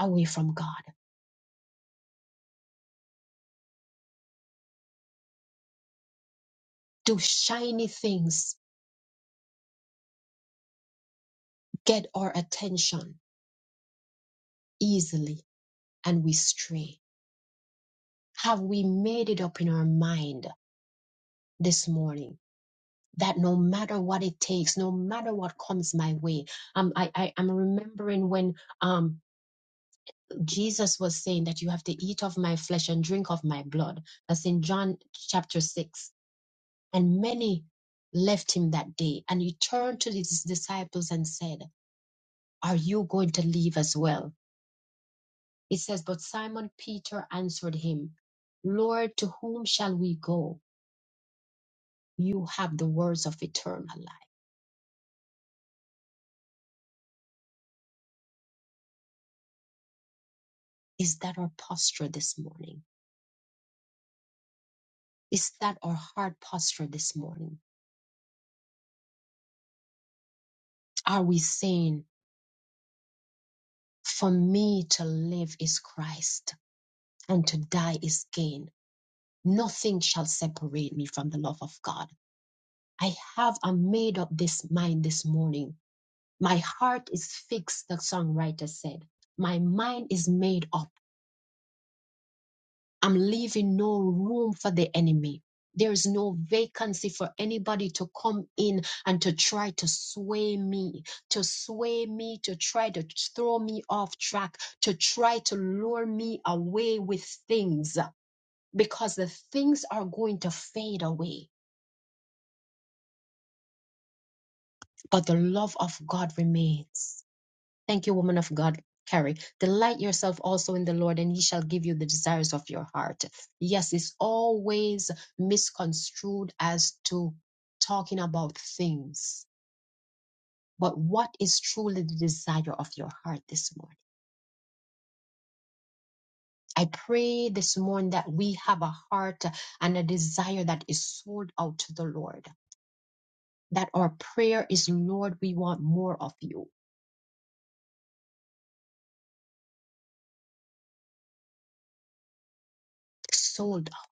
S1: away from god do shiny things get our attention easily and we stray? Have we made it up in our mind this morning that no matter what it takes, no matter what comes my way, um, I, I, I'm remembering when um, Jesus was saying that you have to eat of my flesh and drink of my blood. That's in John chapter 6. And many left him that day. And he turned to his disciples and said, Are you going to leave as well? It says, But Simon Peter answered him, Lord, to whom shall we go? You have the words of eternal life. Is that our posture this morning? Is that our heart posture this morning? Are we saying, For me to live is Christ, and to die is gain? Nothing shall separate me from the love of God. I have a made up this mind this morning. My heart is fixed, the songwriter said. My mind is made up I'm leaving no room for the enemy. There is no vacancy for anybody to come in and to try to sway me, to sway me, to try to throw me off track, to try to lure me away with things, because the things are going to fade away, but the love of God remains. Thank you, woman of God. Carrie, delight yourself also in the Lord, and He shall give you the desires of your heart. Yes, it's always misconstrued as to talking about things, but what is truly the desire of your heart this morning? I pray this morning that we have a heart and a desire that is sold out to the Lord, that our prayer is, Lord, we want more of you, sold out.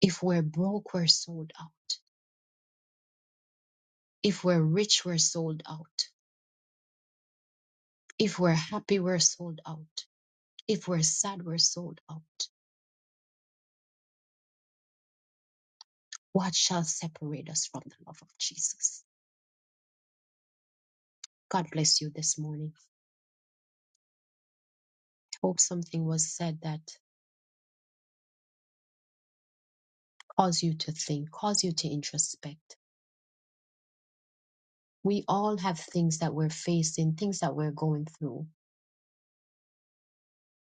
S1: If we're broke, we're sold out If we're rich, we're sold out. If we're happy, we're sold out. If we're sad, we're sold out. What shall separate us from the love of Jesus? God bless you this morning. Hope something was said that caused you to think, caused you to introspect. We all have things that we're facing, things that we're going through,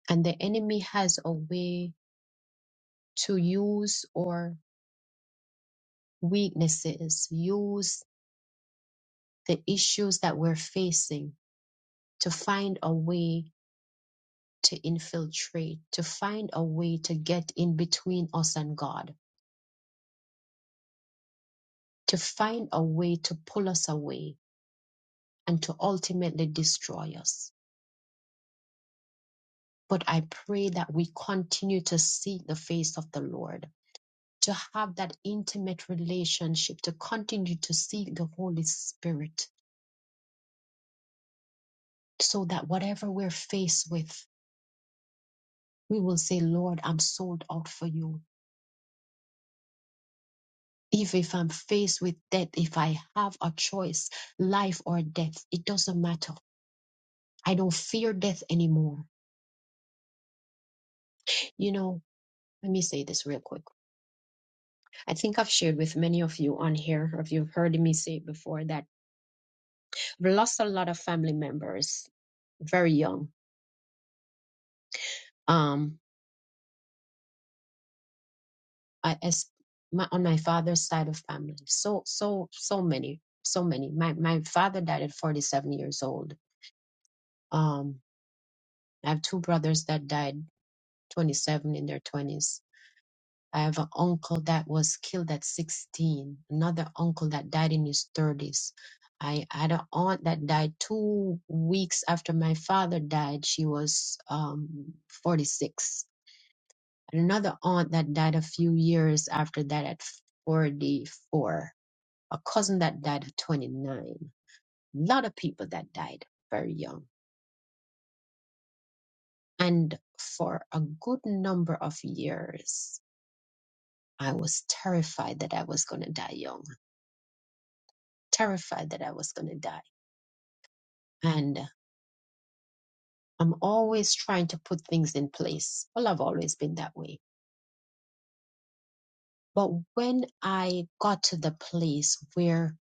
S1: and the enemy has a way to use our weaknesses, use the issues that we're facing to find a way to infiltrate, to find a way to get in between us and God, to find a way to pull us away and to ultimately destroy us. But I pray that we continue to seek the face of the Lord, to have that intimate relationship, to continue to seek the Holy Spirit, so that whatever we're faced with, we will say, Lord, I'm sold out for you. Even if I'm faced with death, if I have a choice, life or death, it doesn't matter I don't fear death anymore. You know, let me say this real quick. I think I've shared with many of you on here, or if you've heard me say it before, that I've lost a lot of family members very young. Um, I, as my, on my father's side of family, so so so many, so many. My my father died at 47 years old. Um, I have two brothers that died 27 in their 20s I have an uncle that was killed at 16, another uncle that died in his 30s. I had an aunt that died two weeks after my father died. She was um, 46. And another aunt that died a few years after that at 44. A cousin that died at 29. A lot of people that died very young. And for a good number of years, I was terrified that I was going to die young. terrified that I was going to die. And I'm always trying to put things in place. Well, I've always been that way. But when I got to the place where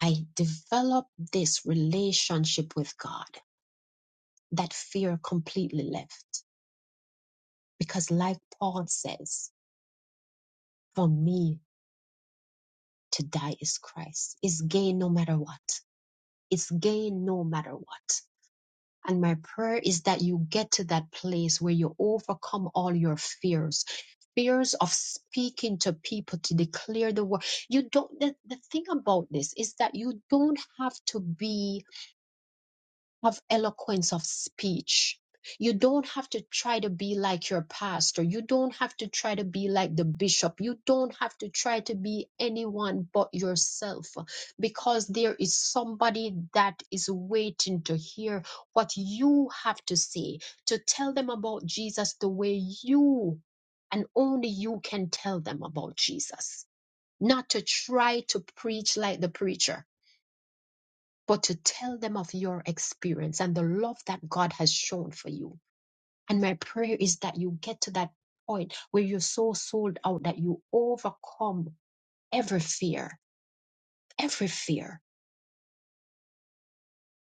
S1: I developed this relationship with God, that fear completely left. Because, like Paul says, for me to die is Christ, is gain no matter what. It's gain no matter what. And my prayer is that you get to that place where you overcome all your fears. Fears of speaking to people to declare the word. You don't, the, the thing about this is that you don't have to be have eloquence of speech. You don't have to try to be like your pastor. You don't have to try to be like the bishop. You don't have to try to be anyone but yourself because there is somebody that is waiting to hear what you have to say, to tell them about Jesus the way you and only you can tell them about Jesus, not to try to preach like the preacher but to tell them of your experience and the love that God has shown for you. And my prayer is that you get to that point where you're so sold out that you overcome every fear, every fear,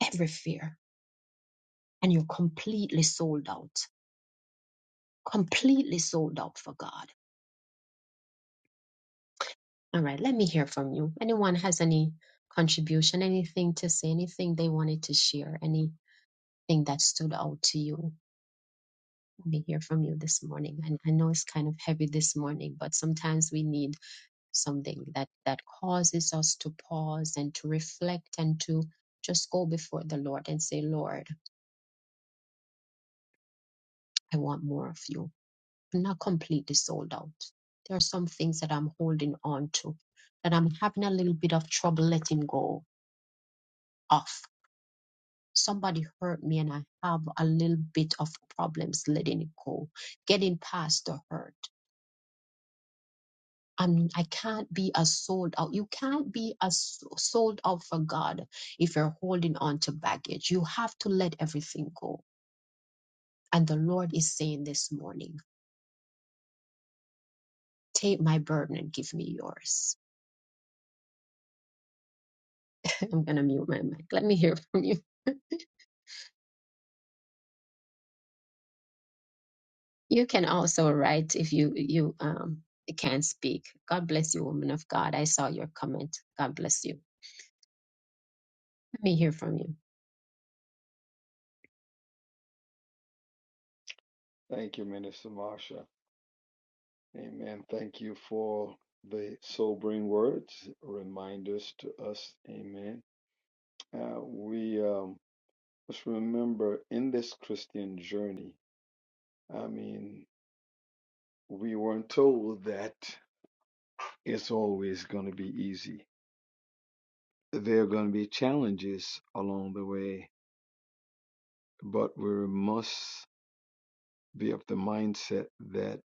S1: every fear, and you're completely sold out, completely sold out for God. All right, let me hear from you. Anyone has any contribution, anything to say, anything they wanted to share, anything that stood out to you? to hear from you this morning. And I know it's kind of heavy this morning, but sometimes we need something that that causes us to pause and to reflect and to just go before the Lord and say, Lord, I want more of you. I'm not completely sold out. There are some things that I'm holding on to that I'm having a little bit of trouble letting go of. Somebody hurt me and I have a little bit of problems letting it go, getting past the hurt I'm, I can't be as sold out. You can't be a s- sold out for God if you're holding on to baggage. You have to let everything go. And the Lord is saying this morning, take my burden and give me yours. I'm gonna mute my mic. Let me hear from you. You can also write if you you um can't speak. God bless you, woman of God. I saw your comment. God bless you. Let me hear from you.
S6: Thank you, Minister Marsha. Amen. Thank you for the sobering words, reminders to us. Amen. Uh, we um, must remember in this Christian journey, I mean, we weren't told that it's always going to be easy. There are going to be challenges along the way, but we must be of the mindset that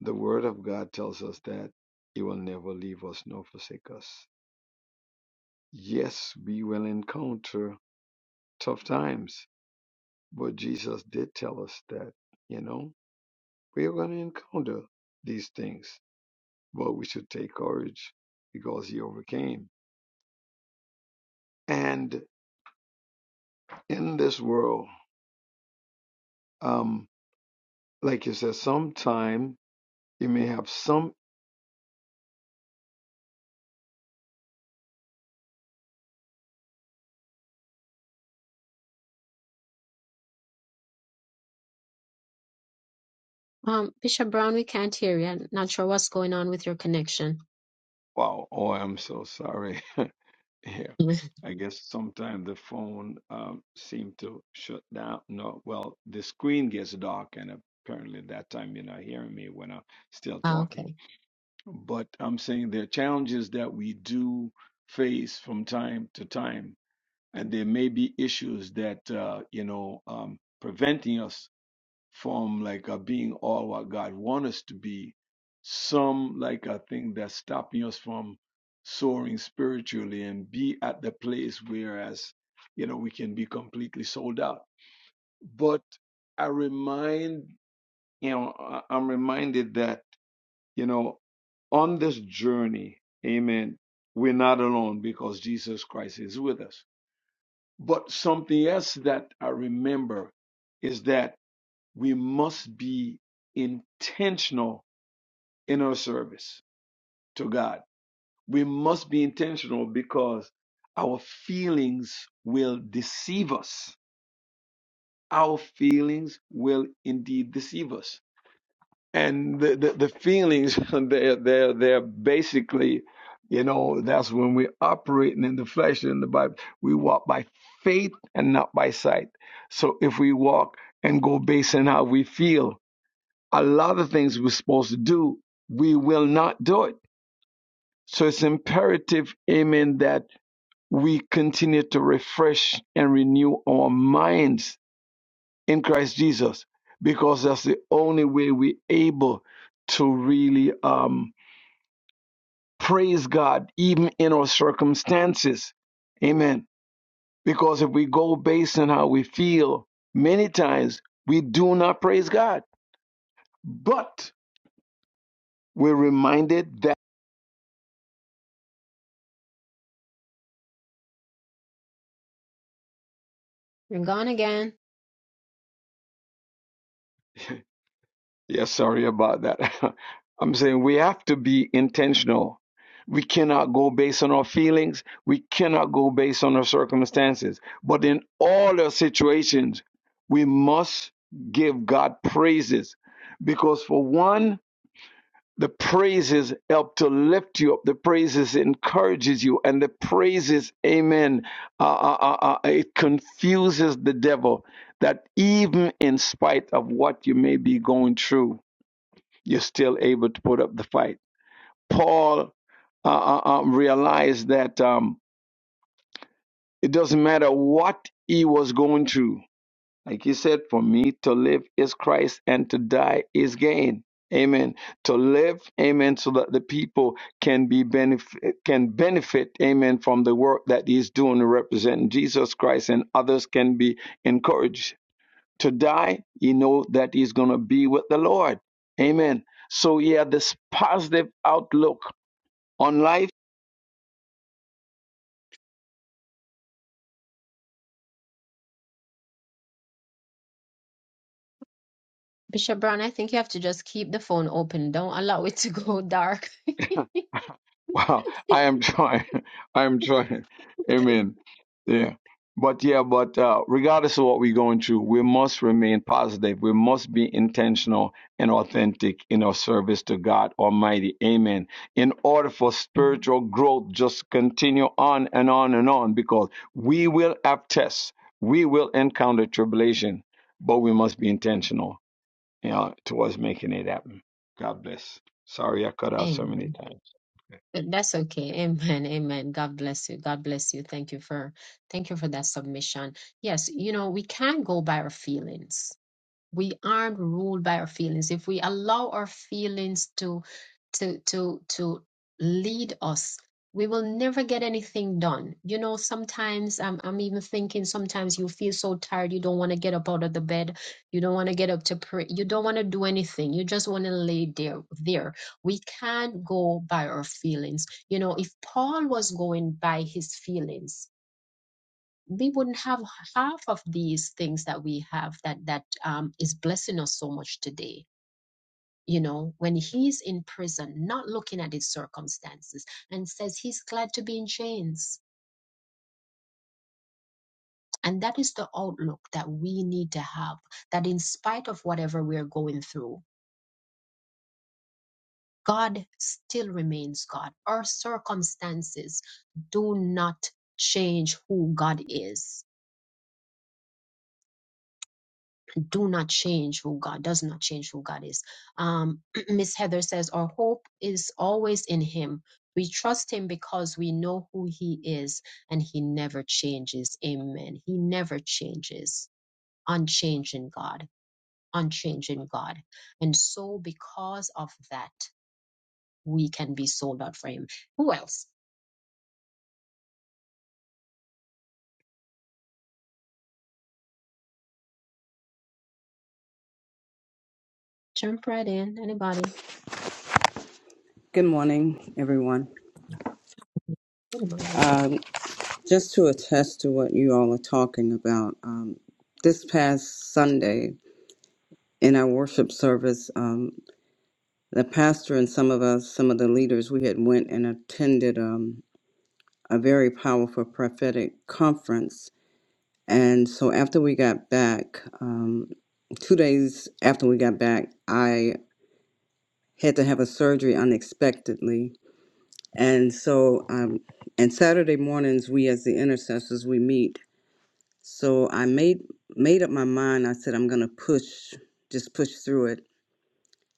S6: the Word of God tells us that He will never leave us nor forsake us Yes, we will encounter tough times, but Jesus did tell us that, you know, we're going to encounter these things, but we should take courage because he overcame. And in this world, um, like you said, sometime you may have some.
S1: Um, Bishop Brown, we can't hear you. I'm not sure what's going on with your connection.
S6: Wow, oh, I'm so sorry. Yeah, I guess sometimes the phone um, seem to shut down. No, well, the screen gets dark, and apparently at that time you're not hearing me when I'm still talking.
S1: okay,
S6: But I'm saying there are challenges that we do face from time to time, and there may be issues that uh, you know um, preventing us from like uh, being all what God wants us to be, some like a thing that's stopping us from soaring spiritually and be at the place where as you know we can be completely sold out. But I remind you know I- I'm reminded that you know on this journey, Amen. We're not alone because Jesus Christ is with us. But something else that I remember is that we must be intentional in our service to God. We must be intentional because our feelings will deceive us. Our feelings will indeed deceive us. And the, the, the feelings, they're, they're, they're basically, you know, that's when we're operating in the flesh in the Bible. We walk by faith and not by sight. So if we walk and go based on how we feel, a lot of things we're supposed to do, we will not do it. So it's imperative, amen, that we continue to refresh and renew our minds in Christ Jesus, because that's the only way we're able to really um, praise God, even in our circumstances. Amen. Because if we go based on how we feel, many times we do not praise God. But we're reminded that
S1: you're gone again.
S6: Yeah, sorry about that. I'm saying we have to be intentional. We cannot go based on our feelings. We cannot go based on our circumstances. But in all our situations, we must give God praises. Because for one, the praises help to lift you up. The praises encourages you. And the praises, amen, uh, uh, uh, uh, it confuses the devil that even in spite of what you may be going through, you're still able to put up the fight. Paul uh, uh, uh, realized that um, it doesn't matter what he was going through. Like he said, for me to live is Christ and to die is gain. Amen. To live, amen, so that the people can be benefit, can benefit, amen, from the work that he's doing to represent Jesus Christ and others can be encouraged to die, you know that he's going to be with the Lord. Amen. So, yeah, this positive outlook on life
S1: Bishop Brown, I think you have to just keep the phone open. Don't allow it to go dark.
S6: Wow, I am trying. I am trying. Amen. Yeah. But yeah, but uh, regardless of what we're going through, we must remain positive. We must be intentional and authentic in our service to God Almighty. Amen. In order for spiritual growth, just continue on and on and on because we will have tests, we will encounter tribulation, but we must be intentional you know, towards making it happen. God bless. Sorry, I cut out so many
S1: Amen.
S6: times.
S1: But That's okay. Amen. Amen. God bless you. God bless you. Thank you for thank you for that submission. Yes, you know, we can go by our feelings. we aren't ruled by our feelings if we allow our feelings to to to to lead us we will never get anything done you know sometimes i'm, I'm even thinking sometimes you feel so tired you don't want to get up out of the bed you don't want to get up to pray you don't want to do anything you just want to lay there there we can't go by our feelings you know if paul was going by his feelings we wouldn't have half of these things that we have that that um, is blessing us so much today you know when he's in prison not looking at his circumstances and says he's glad to be in chains and that is the outlook that we need to have that in spite of whatever we're going through god still remains god our circumstances do not change who god is do not change who God does not change who God is. Um, Miss Heather says our hope is always in Him. We trust Him because we know who He is, and He never changes. Amen. He never changes. Unchanging God, unchanging God, and so because of that, we can be sold out for Him. Who else? Jump right in. Anybody?
S7: Good morning, everyone.
S1: Anybody?
S7: Um, just to attest to what you all are talking about, um, this past Sunday in our worship service, um, the pastor and some of us, some of the leaders, we had went and attended um, a very powerful prophetic conference. And so after we got back, um, two days after we got back, I had to have a surgery unexpectedly. And so um, and Saturday mornings, we as the intercessors, we meet So I made made up my mind. I said I'm gonna push, just push through it.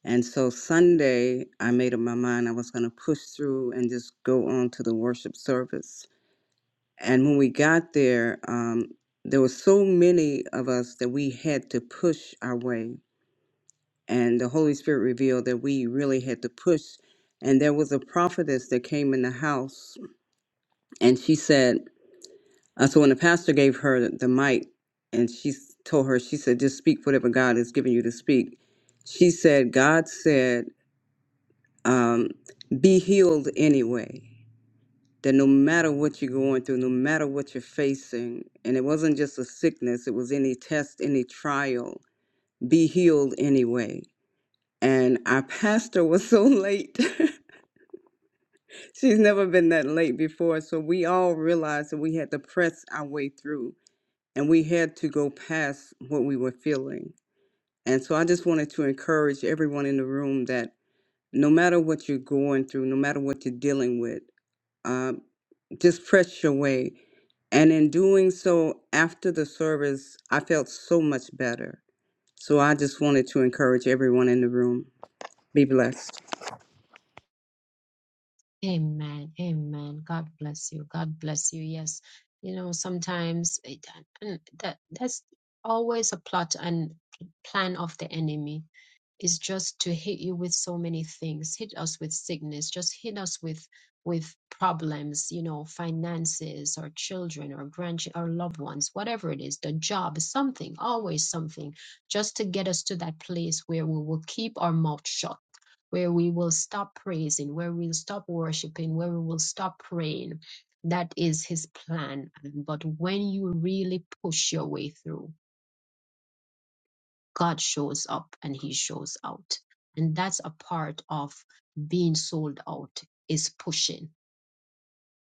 S7: And so Sunday, I made up my mind I was gonna push through and just go on to the worship service. And when we got there, um, there were so many of us that we had to push our way. And the Holy Spirit revealed that we really had to push. And there was a prophetess that came in the house, and she said. Uh, so when the pastor gave her the, the mic and she s- told her, she said, just speak whatever God has given you to speak. She said, God said, um, be healed anyway. That no matter what you're going through, no matter what you're facing, and it wasn't just a sickness, it was any test, any trial, be healed anyway. And our pastor was so late. She's never been that late before. So we all realized that we had to press our way through and we had to go past what we were feeling. And so I just wanted to encourage everyone in the room that no matter what you're going through, no matter what you're dealing with, um, just press your way. And in doing so, after the service, I felt so much better. So I just wanted to encourage everyone in the room. Be blessed.
S1: Amen. Amen. God bless you. God bless you. Yes. You know, sometimes it, and that that's always a plot and plan of the enemy is just to hit you with so many things hit us with sickness just hit us with with problems you know finances or children or grandchildren or loved ones whatever it is the job something always something just to get us to that place where we will keep our mouth shut where we will stop praising where we'll stop worshiping where we will stop praying that is his plan but when you really push your way through God shows up and he shows out. And that's a part of being sold out is pushing,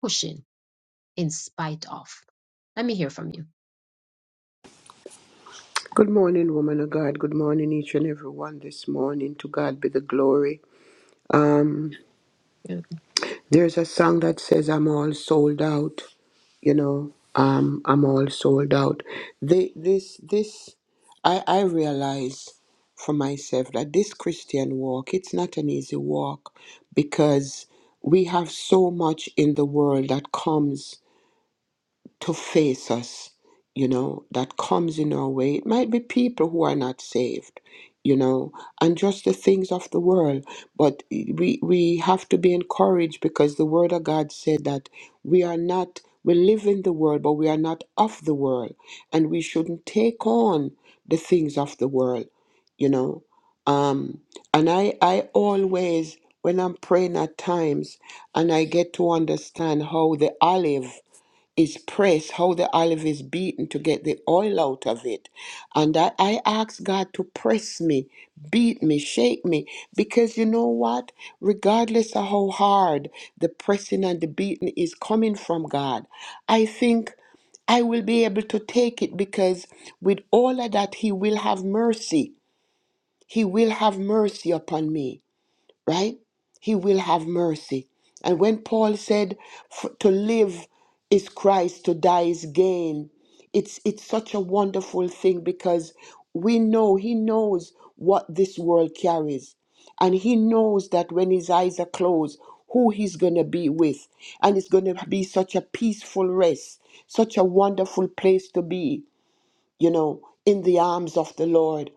S1: pushing in spite of. Let me hear from you.
S2: Good morning, woman of God. Good morning, each and every one this morning. To God be the glory. Um,
S1: Yeah.
S2: There's a song that says, I'm all sold out, you know, um, I'm all sold out. They, this, this, I, I realize for myself that this Christian walk, it's not an easy walk because we have so much in the world that comes to face us, you know, that comes in our way. It might be people who are not saved, you know, and just the things of the world. But we we have to be encouraged because the word of God said that we are not we live in the world, but we are not of the world. And we shouldn't take on the things of the world, you know. Um, and I, I always, when I'm praying at times, and I get to understand how the olive is pressed, how the olive is beaten to get the oil out of it. And I, I ask God to press me, beat me, shake me, because you know what? Regardless of how hard the pressing and the beating is coming from God, I think I will be able to take it because with all of that, He will have mercy. He will have mercy upon me right? He will have mercy. And when Paul said, "For- to live is Christ, to die is gain, it's, it's such a wonderful thing because we know, he knows what this world carries. And he knows that when his eyes are closed, who he's going to be with. And it's going to be such a peaceful rest, such a wonderful place to be, you know, in the arms of the Lord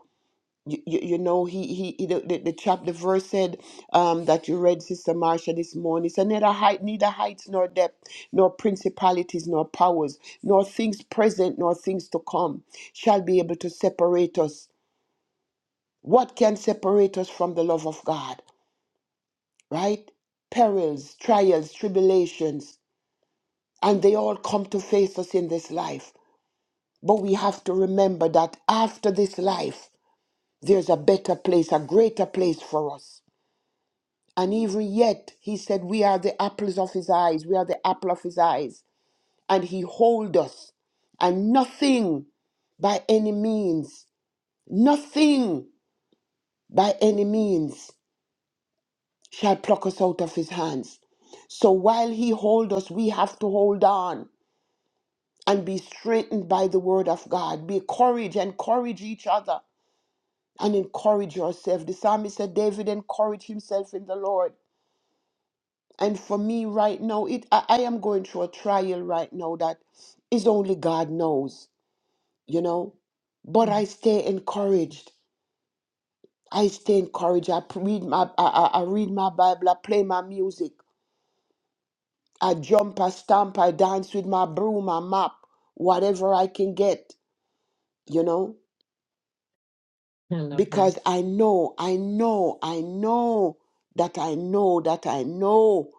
S2: you, you, you know he he, he the, the, the chap the verse said um that you read sister Marcia this morning It said neither height neither heights nor depth nor principalities nor powers nor things present nor things to come shall be able to separate us what can separate us from the love of god right perils trials tribulations and they all come to face us in this life but we have to remember that after this life there's a better place a greater place for us And even yet, he said, We are the apples of his eyes. We are the apple of his eyes. And he hold us. And nothing by any means, nothing by any means shall pluck us out of his hands. So while he hold us, we have to hold on and be strengthened by the word of God. Be courage, encourage each other and encourage yourself. The psalmist said, David encouraged himself in the Lord. And for me right now, it I, I am going through a trial right now that is only God knows, you know. But
S1: Mm,
S2: I stay encouraged. I stay encouraged. I p- read my I, I I read my Bible. I play my music. I jump. I stamp. I dance with my broom. I mop. Whatever I can get, you know.
S1: I love that.
S2: Because I know, I know, I know that I know that I know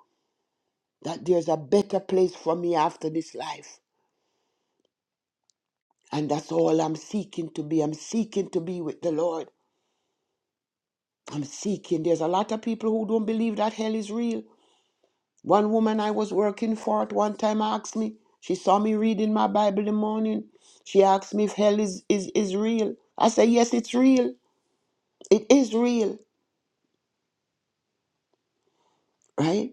S2: that there's a better place for me after this life. And that's all I'm seeking to be. I'm seeking to be with the Lord. I'm seeking. There's a lot of people who don't believe that hell is real. One woman I was working for at one time asked me, she saw me reading my Bible in the morning. She asked me if hell is, is, is real. I said, yes, it's real. It is real, right?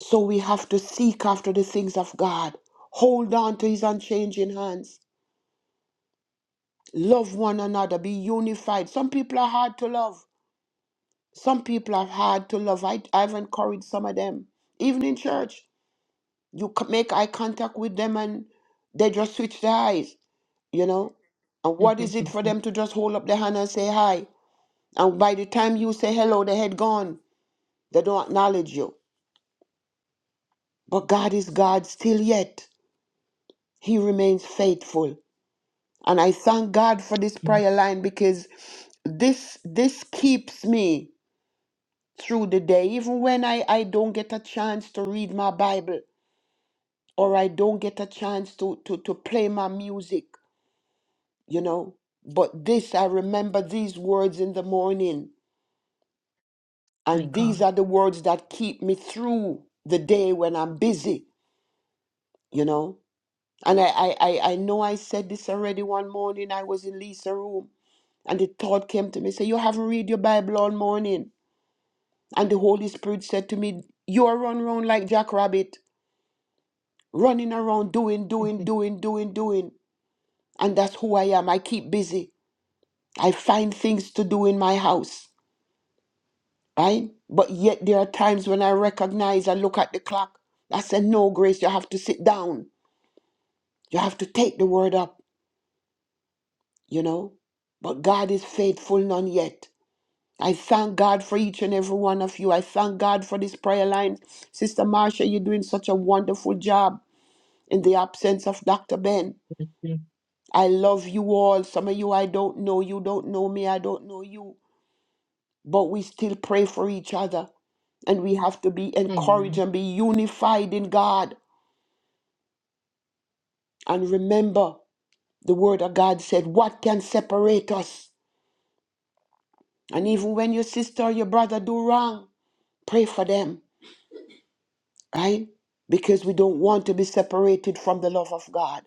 S2: So we have to seek after the things of God. Hold on to his unchanging hands. Love one another. Be unified. Some people are hard to love. Some people I've had to love, I, I've encouraged some of them, even in church. You c- make eye contact with them and they just switch their eyes, you know? And what is it for them to just hold up their hand and say hi? And by the time you say hello, they had gone. They don't acknowledge you. But God is God still yet. He remains faithful. And I thank God for this
S1: Yeah,
S2: prayer line because this this keeps me through the day even when I, I don't get a chance to read my bible or I don't get a chance to, to, to play my music, you know. But this, I remember these words in the morning,
S1: My
S2: and these
S1: God.
S2: are the words that keep me through the day when I'm busy, you know. And I, I, I, I know I said this already one morning. I was in Lisa's room, and the thought came to me, say, You haven't read your Bible all morning. And the Holy Spirit said to me, You are run around like Jackrabbit, running around doing, doing, doing, doing, doing. And that's who I am. I keep busy. I find things to do in my house, right? But yet there are times when I recognize I look at the clock. I said, No, Grace, you have to sit down. You have to take the word up, you know? But God is faithful, none yet. I thank God for each and every one of you. I thank God for this prayer line. Sister Marsha, you're doing such a wonderful job in the absence of Dr. Ben. I love you all. Some of you I don't know. You don't know me. I don't know you. but we still pray for each other. And we have to be encouraged
S1: Amen.
S2: and be unified in God. And remember, the word of God said, What can separate us? And even when your sister or your brother do wrong, pray for them, right? Because we don't want to be separated from the love of God.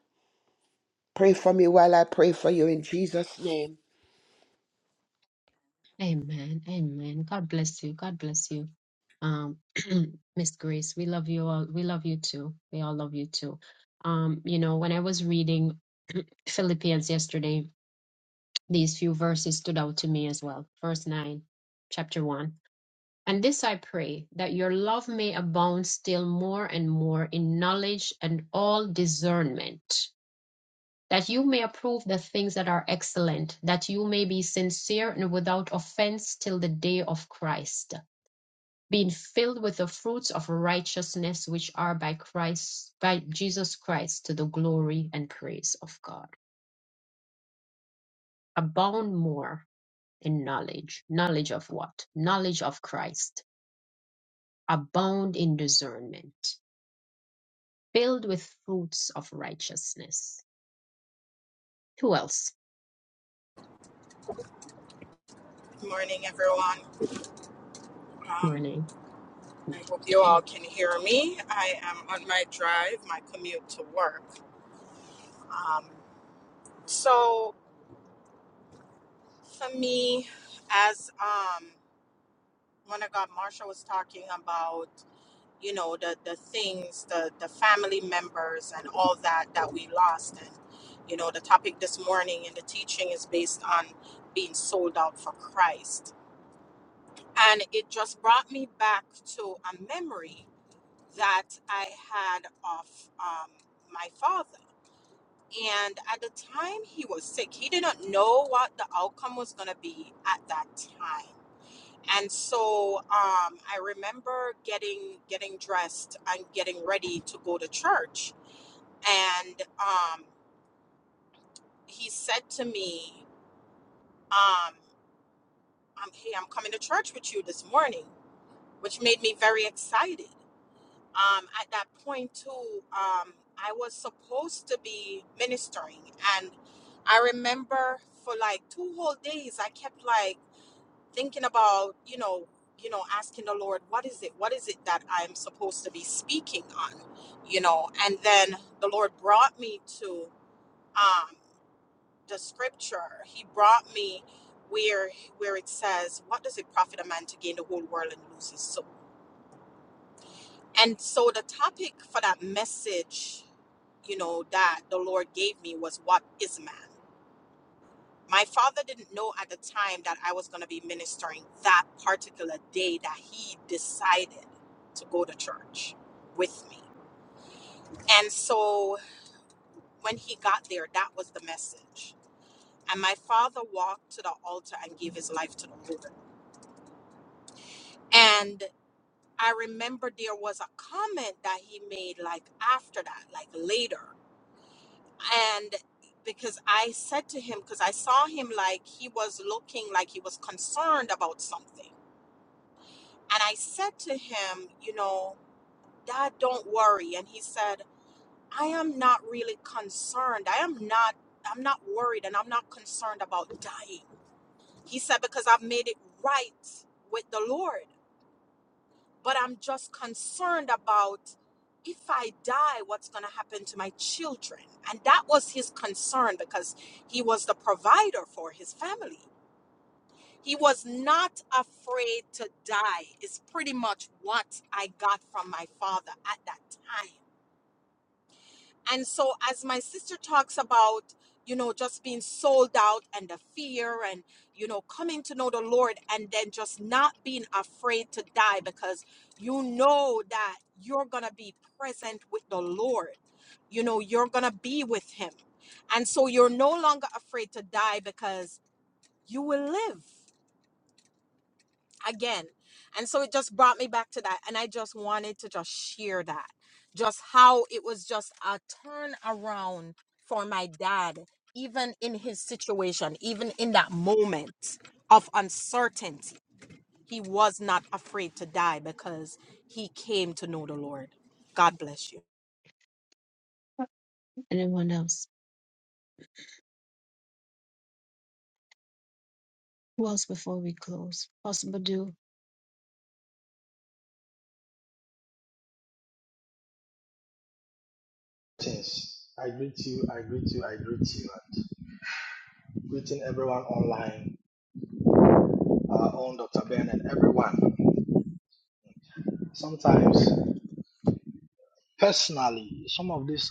S2: Pray for me while I pray for you in Jesus' name.
S1: Amen. Amen. God bless you. God bless you. Um, Miss Grace, we love you all. We love you too. We all love you too. Um, you know, when I was reading Philippians yesterday, These few verses stood out to me as well. Verse 9, chapter 1. And this I pray, that your love may abound still more and more in knowledge and all discernment, that you may approve the things that are excellent, that you may be sincere and without offense till the day of Christ, being filled with the fruits of righteousness which are by Christ, by Jesus Christ, to the glory and praise of God. Abound more in knowledge. Knowledge of what? Knowledge of Christ. Abound in discernment, filled with fruits of righteousness. Who else?
S5: Good morning, everyone. Um,
S1: Renee.
S5: I hope you all can hear me. I am on my drive, my commute to work. Um, so, for me, as um, when I got Marsha was talking about, you know, the the things, the the family members and all that that we lost. And, you know, the topic this morning and the teaching is based on being sold out for Christ. And it just brought me back to a memory that I had of um, my father. And at the time he was sick, he did not know what the outcome was going to be at that time and so um, I remember getting getting dressed and getting ready to go to church. And um, he said to me, um, um, "Hey, I'm coming to church with you this morning," which made me very excited. Um, at that point, too, um, I was supposed to be ministering, and I remember for like two whole days, I kept like thinking about you know you know asking the lord what is it what is it that i'm supposed to be speaking on you know and then the lord brought me to um the scripture he brought me where where it says what does it profit a man to gain the whole world and lose his soul and so the topic for that message you know that the lord gave me was what is man my father didn't know at the time that I was going to be ministering that particular day that he decided to go to church with me. And so when he got there, that was the message. And my father walked to the altar and gave his life to the Lord. And I remember there was a comment that he made like after that, like later. And because I said to him, because I saw him like he was looking like he was concerned about something. And I said to him, You know, Dad, don't worry. And he said, I am not really concerned. I am not, I'm not worried and I'm not concerned about dying. He said, Because I've made it right with the Lord. But I'm just concerned about if I die, what's going to happen to my children. And that was his concern because he was the provider for his family. He was not afraid to die, is pretty much what I got from my father at that time. And so, as my sister talks about, you know, just being sold out and the fear and, you know, coming to know the Lord and then just not being afraid to die because you know that you're going to be present with the Lord. You know, you're going to be with Him. And so, you're no longer afraid to die because you will live again. And so it just brought me back to that. And I just wanted to just share that, just how it was just a turnaround for my dad, even in his situation, even in that moment of uncertainty. He was not afraid to die because he came to know the Lord. God bless you.
S1: Anyone else? Who else before we close? Possible do.
S8: Greetings. I greet you, I greet you, I greet you. And greeting everyone online, our own Dr. Ben and everyone. Sometimes, personally, some of these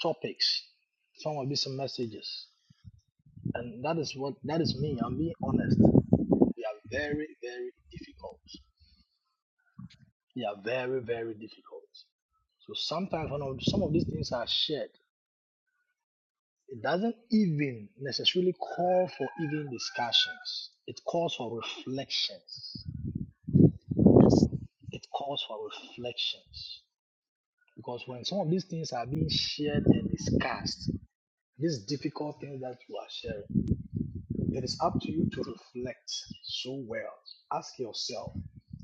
S8: topics, some of these messages, and that is what that is me. I'm being honest. They are very, very difficult. They are very, very difficult. So sometimes when of- some of these things are shared, it doesn't even necessarily call for even discussions. It calls for reflections
S1: yes.
S8: It calls for reflections because when some of these things are being shared and discussed, these difficult things that you are sharing, it is up to you to reflect so well. Ask yourself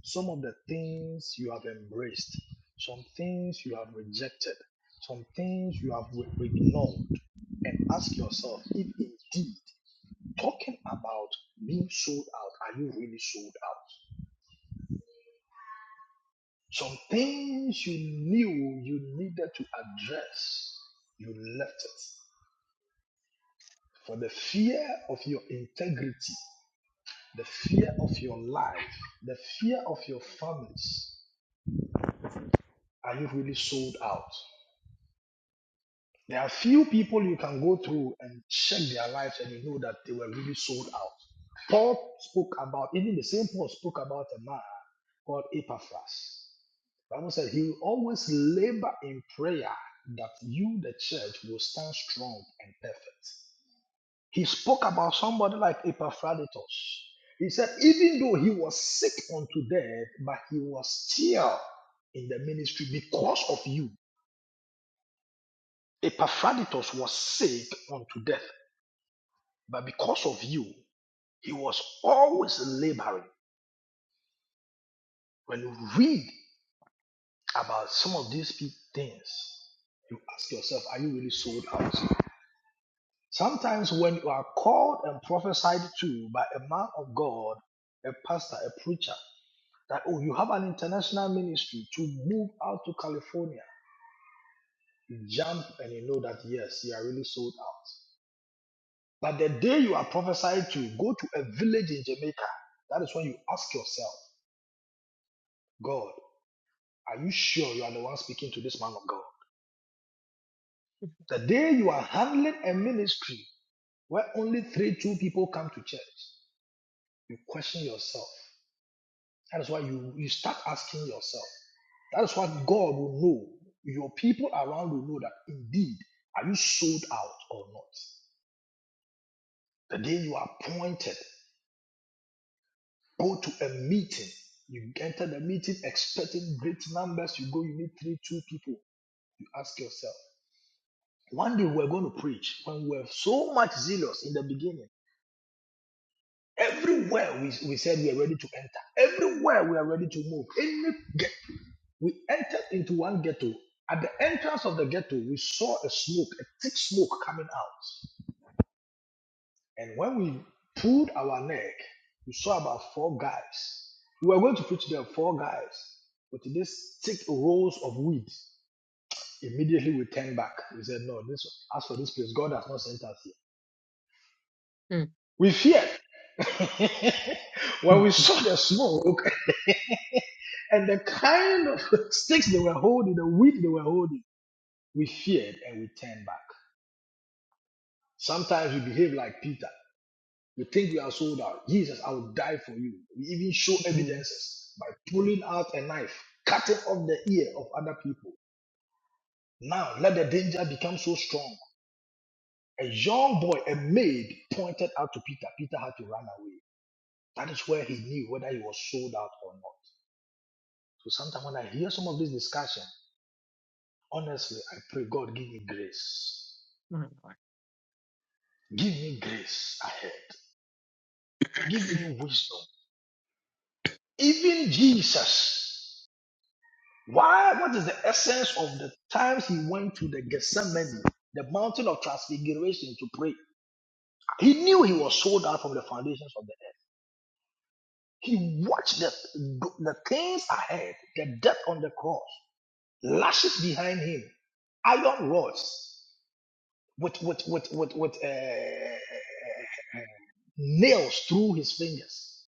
S8: some of the things you have embraced, some things you have rejected, some things you have re- ignored, and ask yourself if indeed talking about being sold out, are you really sold out? Some things you knew you needed to address, you left it. For the fear of your integrity, the fear of your life, the fear of your families, are you really sold out? There are few people you can go through and check their lives and you know that they were really sold out. Paul spoke about, even the same Paul spoke about a man called Epaphras. Bible said he will always labor in prayer that you, the church, will stand strong and perfect. He spoke about somebody like Epaphroditus. He said, even though he was sick unto death, but he was still in the ministry because of you. Epaphroditus was sick unto death, but because of you, he was always laboring. When you read about some of these things, you ask yourself, are you really sold out? Sometimes when you are called and prophesied to by a man of God, a pastor, a preacher, that oh, you have an international ministry to move out to California, you jump and you know that yes, you are really sold out. But the day you are prophesied to, go to a village in Jamaica. That is when you ask yourself, God, are you sure you are the one speaking to this man of God? The day you are handling a ministry where only three, two people come to church, you question yourself. That is why you, you start asking yourself. That is why God will know, your people around will know that indeed, are you sold out or not? The day you are appointed, go to a meeting. You enter the meeting expecting great numbers. You go, you meet three, two people. You ask yourself. One day we're going to preach when we we so much zealous in the beginning. Everywhere we, we said we are ready to enter, everywhere we are ready to move, Any We entered into one ghetto. At the entrance of the ghetto, we saw a smoke, a thick smoke coming out. And when we pulled our neck, we saw about four guys. We were going to preach there, four guys, with these thick rolls of weed. Immediately we turned back. We said, No, this as for this place, God has not sent us here.
S1: Mm,
S8: We feared. when
S1: mm,
S8: we
S1: mm,
S8: saw the smoke and the kind of sticks they were holding, the weed they were holding, we feared and we turned back. Sometimes we behave like Peter. We think we are sold out. Jesus, I will die for you. We even show
S1: mm.
S8: evidences by pulling out a knife, cutting off the ear of other people. Now let the danger become so strong. A young boy, a maid, pointed out to Peter. Peter had to run away. That is where he knew whether he was sold out or not. So sometimes when I hear some of this discussion, honestly, I pray, God, give me grace.
S1: My Lord.
S8: Give me grace ahead. Give me wisdom. Even Jesus. Why? What is the essence of the times he went to the Gethsemane, the mountain of transfiguration, to pray? He knew he was sold out from the foundations of the earth. He watched the, the things ahead, the death on the cross, lashes behind him, iron rods with with with with, with uh, nails through his fingers,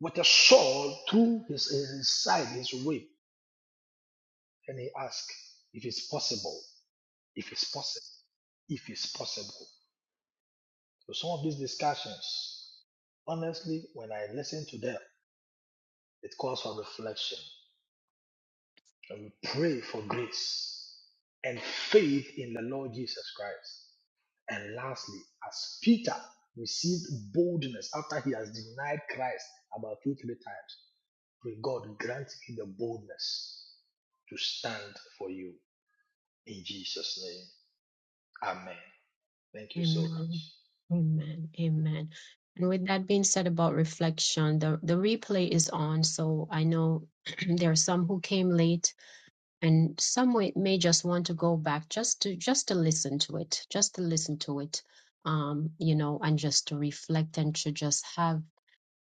S8: with a sword through his, his side, his rib, and he asked if it's possible. if it's possible. If it's possible. So some of these discussions, honestly, when I listen to them, it calls for reflection. And we pray for grace and faith in the Lord Jesus Christ. And lastly, as Peter received boldness after he has denied Christ about two, three times, pray God grant me the boldness to stand for you in Jesus' name. Amen. Thank you so
S1: Amen.
S8: much.
S1: Amen. Amen. And with that being said about reflection, the, the replay is on. So I know there are some who came late. and some may, may just want to go back just to just to listen to it just to listen to it um you know and just to reflect and to just have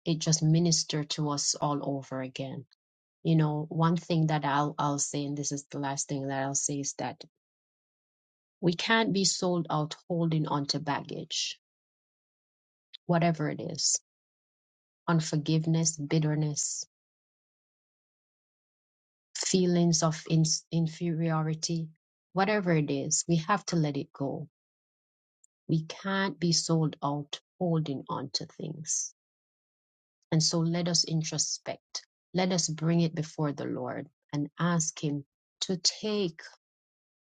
S1: it just minister to us all over again you know one thing that i'll i'll say and this is the last thing that i'll say is that we can't be sold out holding on to baggage whatever it is unforgiveness bitterness feelings of ins inferiority whatever it is we have to let it go We can't be sold out holding on to things. And so let us introspect. Let us bring it before the Lord and ask Him to take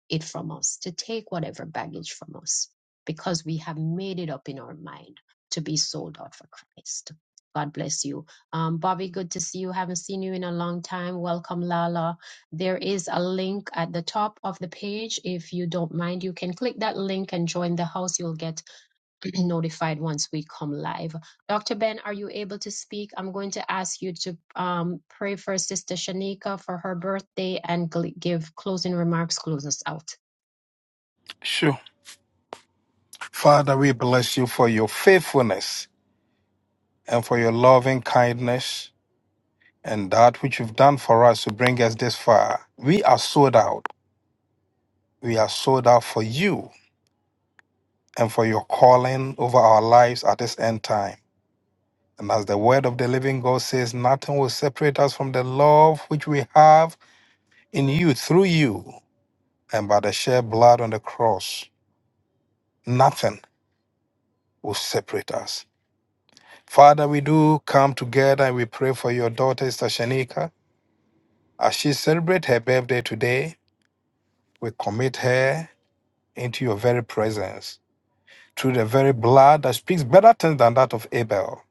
S1: it from us, to take whatever baggage from us, because we have made it up in our mind to be sold out for Christ. God bless you. Um, Bobby, good to see you. Haven't seen you in a long time. Welcome, Lala. There is a link at the top of the page. If you don't mind, you can click that link and join the house. You'll get notified once we come live. Dr. Ben, are you able to speak? I'm going to ask you to um, pray for Sister Shanika for her birthday and gl- give closing remarks, close us out.
S9: Sure. Father, we bless you for your faithfulness and for your loving kindness and that which you've done for us to bring us this far. We are sold out. We are sold out for you and for your calling over our lives at this end time. And as the word of the living God says, nothing will separate us from the love which we have in you, through you, and by the shed blood on the cross. Nothing will separate us. Father, we do come together and we pray for your daughter, Sister Shanika. As she celebrates her birthday today, we commit her into your very presence through the very blood that speaks better things than that of Abel.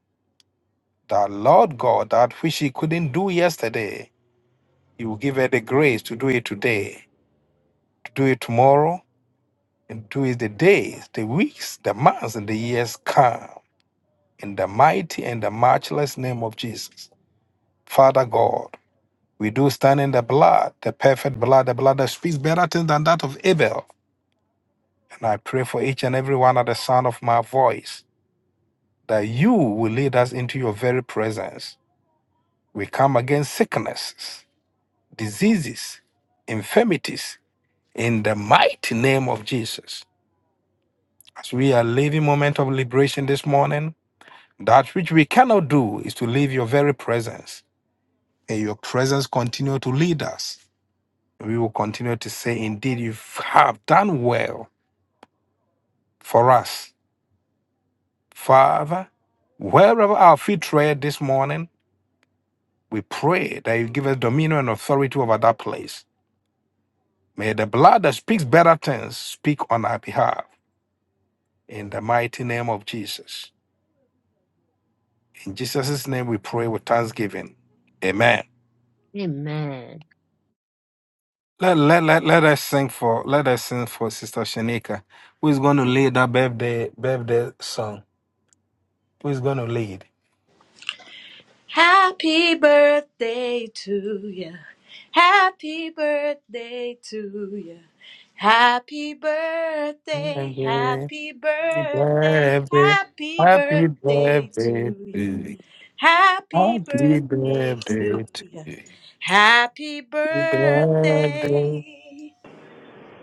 S9: That Lord God, that which she couldn't do yesterday, you will give her the grace to do it today, to do it tomorrow, and do it the days, the weeks, the months, and the years come. In the mighty and the matchless name of Jesus. Father God, we do stand in the blood, the perfect blood, the blood that speaks better things than that of Abel And I pray for each and every one at the sound of my voice that you will lead us into your very presence. We come against sicknesses, diseases, infirmities in the mighty name of Jesus. As we are living moment of liberation this morning, that which we cannot do is to leave your very presence. May your presence continue to lead us. We will continue to say, indeed, you have done well for us. Father, wherever our feet tread this morning, We pray that you give us dominion and authority over that place. May the blood that speaks better things speak on our behalf. In the mighty name of Jesus. In Jesus' name we pray with thanksgiving. Amen.
S1: Amen.
S9: Let, let, let, let us sing for let us sing for Sister Shanika, who is going to lead that birthday birthday song. Who is going to lead?
S5: Happy birthday to you. Birthday to you. Happy birthday. Happy.
S9: Birthday, birthday, happy birthday, to
S5: Yeah.
S9: you. happy birthday to you. Happy birthday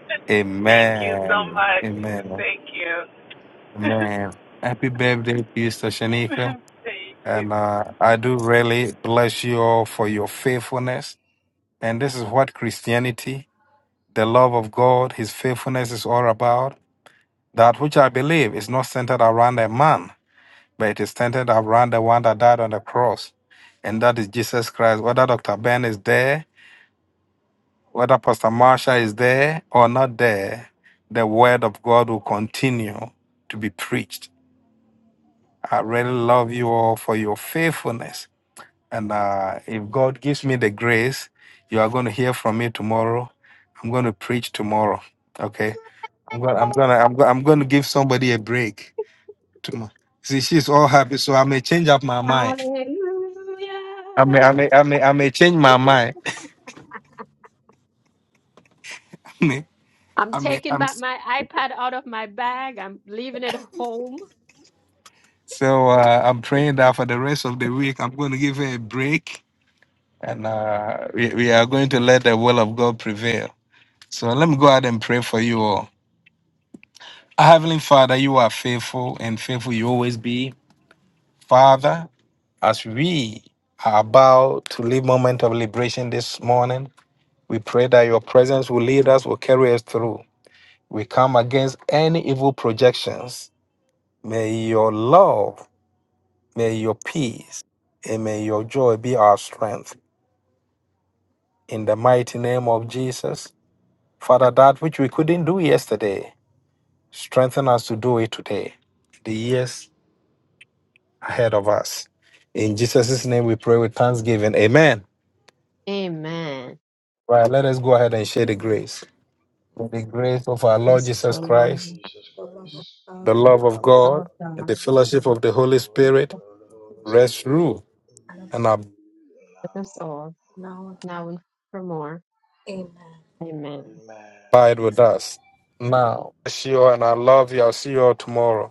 S10: Thank you so
S9: Amen.
S10: much.
S8: Amen.
S9: Amen.
S10: Thank you.
S9: Amen. Happy birthday to you, Sashanika.
S10: Thank you.
S9: And uh, I do really bless you all for your faithfulness. And this is what Christianity, the love of God, His faithfulness is all about. That which I believe is not centered around a man, but it is centered around the one that died on the cross. And that is Jesus Christ. Whether Dr. Ben is there, whether Pastor Marsha is there or not there, the word of God will continue to be preached I really love you all for your faithfulness. And uh, if God gives me the grace, you are going to hear from me tomorrow. I'm going to preach tomorrow. Okay. I'm going. I'm going. to I'm going. I'm going to give somebody a break. Tomorrow. See, she's all happy, so I may change up my mind. I
S1: Hallelujah.
S9: may. I may. I may. I may change my mind. I may.
S1: I'm
S9: I may.
S1: taking
S9: I'm.
S1: back my iPad out of my bag. I'm leaving it home.
S9: So uh, I'm praying that for the rest of the week, I'm going to give her a break, and uh, we, we are going to let the will of God prevail. So let me go ahead and pray for you all. Heavenly Father, you are faithful and faithful you always be. Father, as we are about to leave moment of liberation this morning, we pray that your presence will lead us, will carry us through. We come against any evil projections. May your love, may your peace, and may your joy be our strength. In the mighty name of Jesus, Father, that which we couldn't do yesterday, strengthen us to do it today. The years ahead of us. In Jesus' name we pray with thanksgiving. Amen.
S1: Amen.
S9: Right, let us go ahead and share the grace. May the grace of our
S8: Bless
S9: Lord
S8: the
S1: Yes,
S9: Jesus
S1: for
S8: Father, Lord
S1: Lord,
S9: Christ,
S8: Jesus Christ,
S9: the
S8: the
S9: love of
S8: love of
S1: love
S9: God,
S1: of
S8: God,
S9: and
S1: God,
S9: the fellowship of the Holy
S8: communion
S9: Spirit
S8: of the Holy
S9: rest,
S8: Spirit,
S9: rule,
S8: be
S9: and
S1: let
S8: now.
S1: us all now and for more. Amen.
S8: Amen.
S9: abide with us now. See you, and I love you. I'll see you all tomorrow.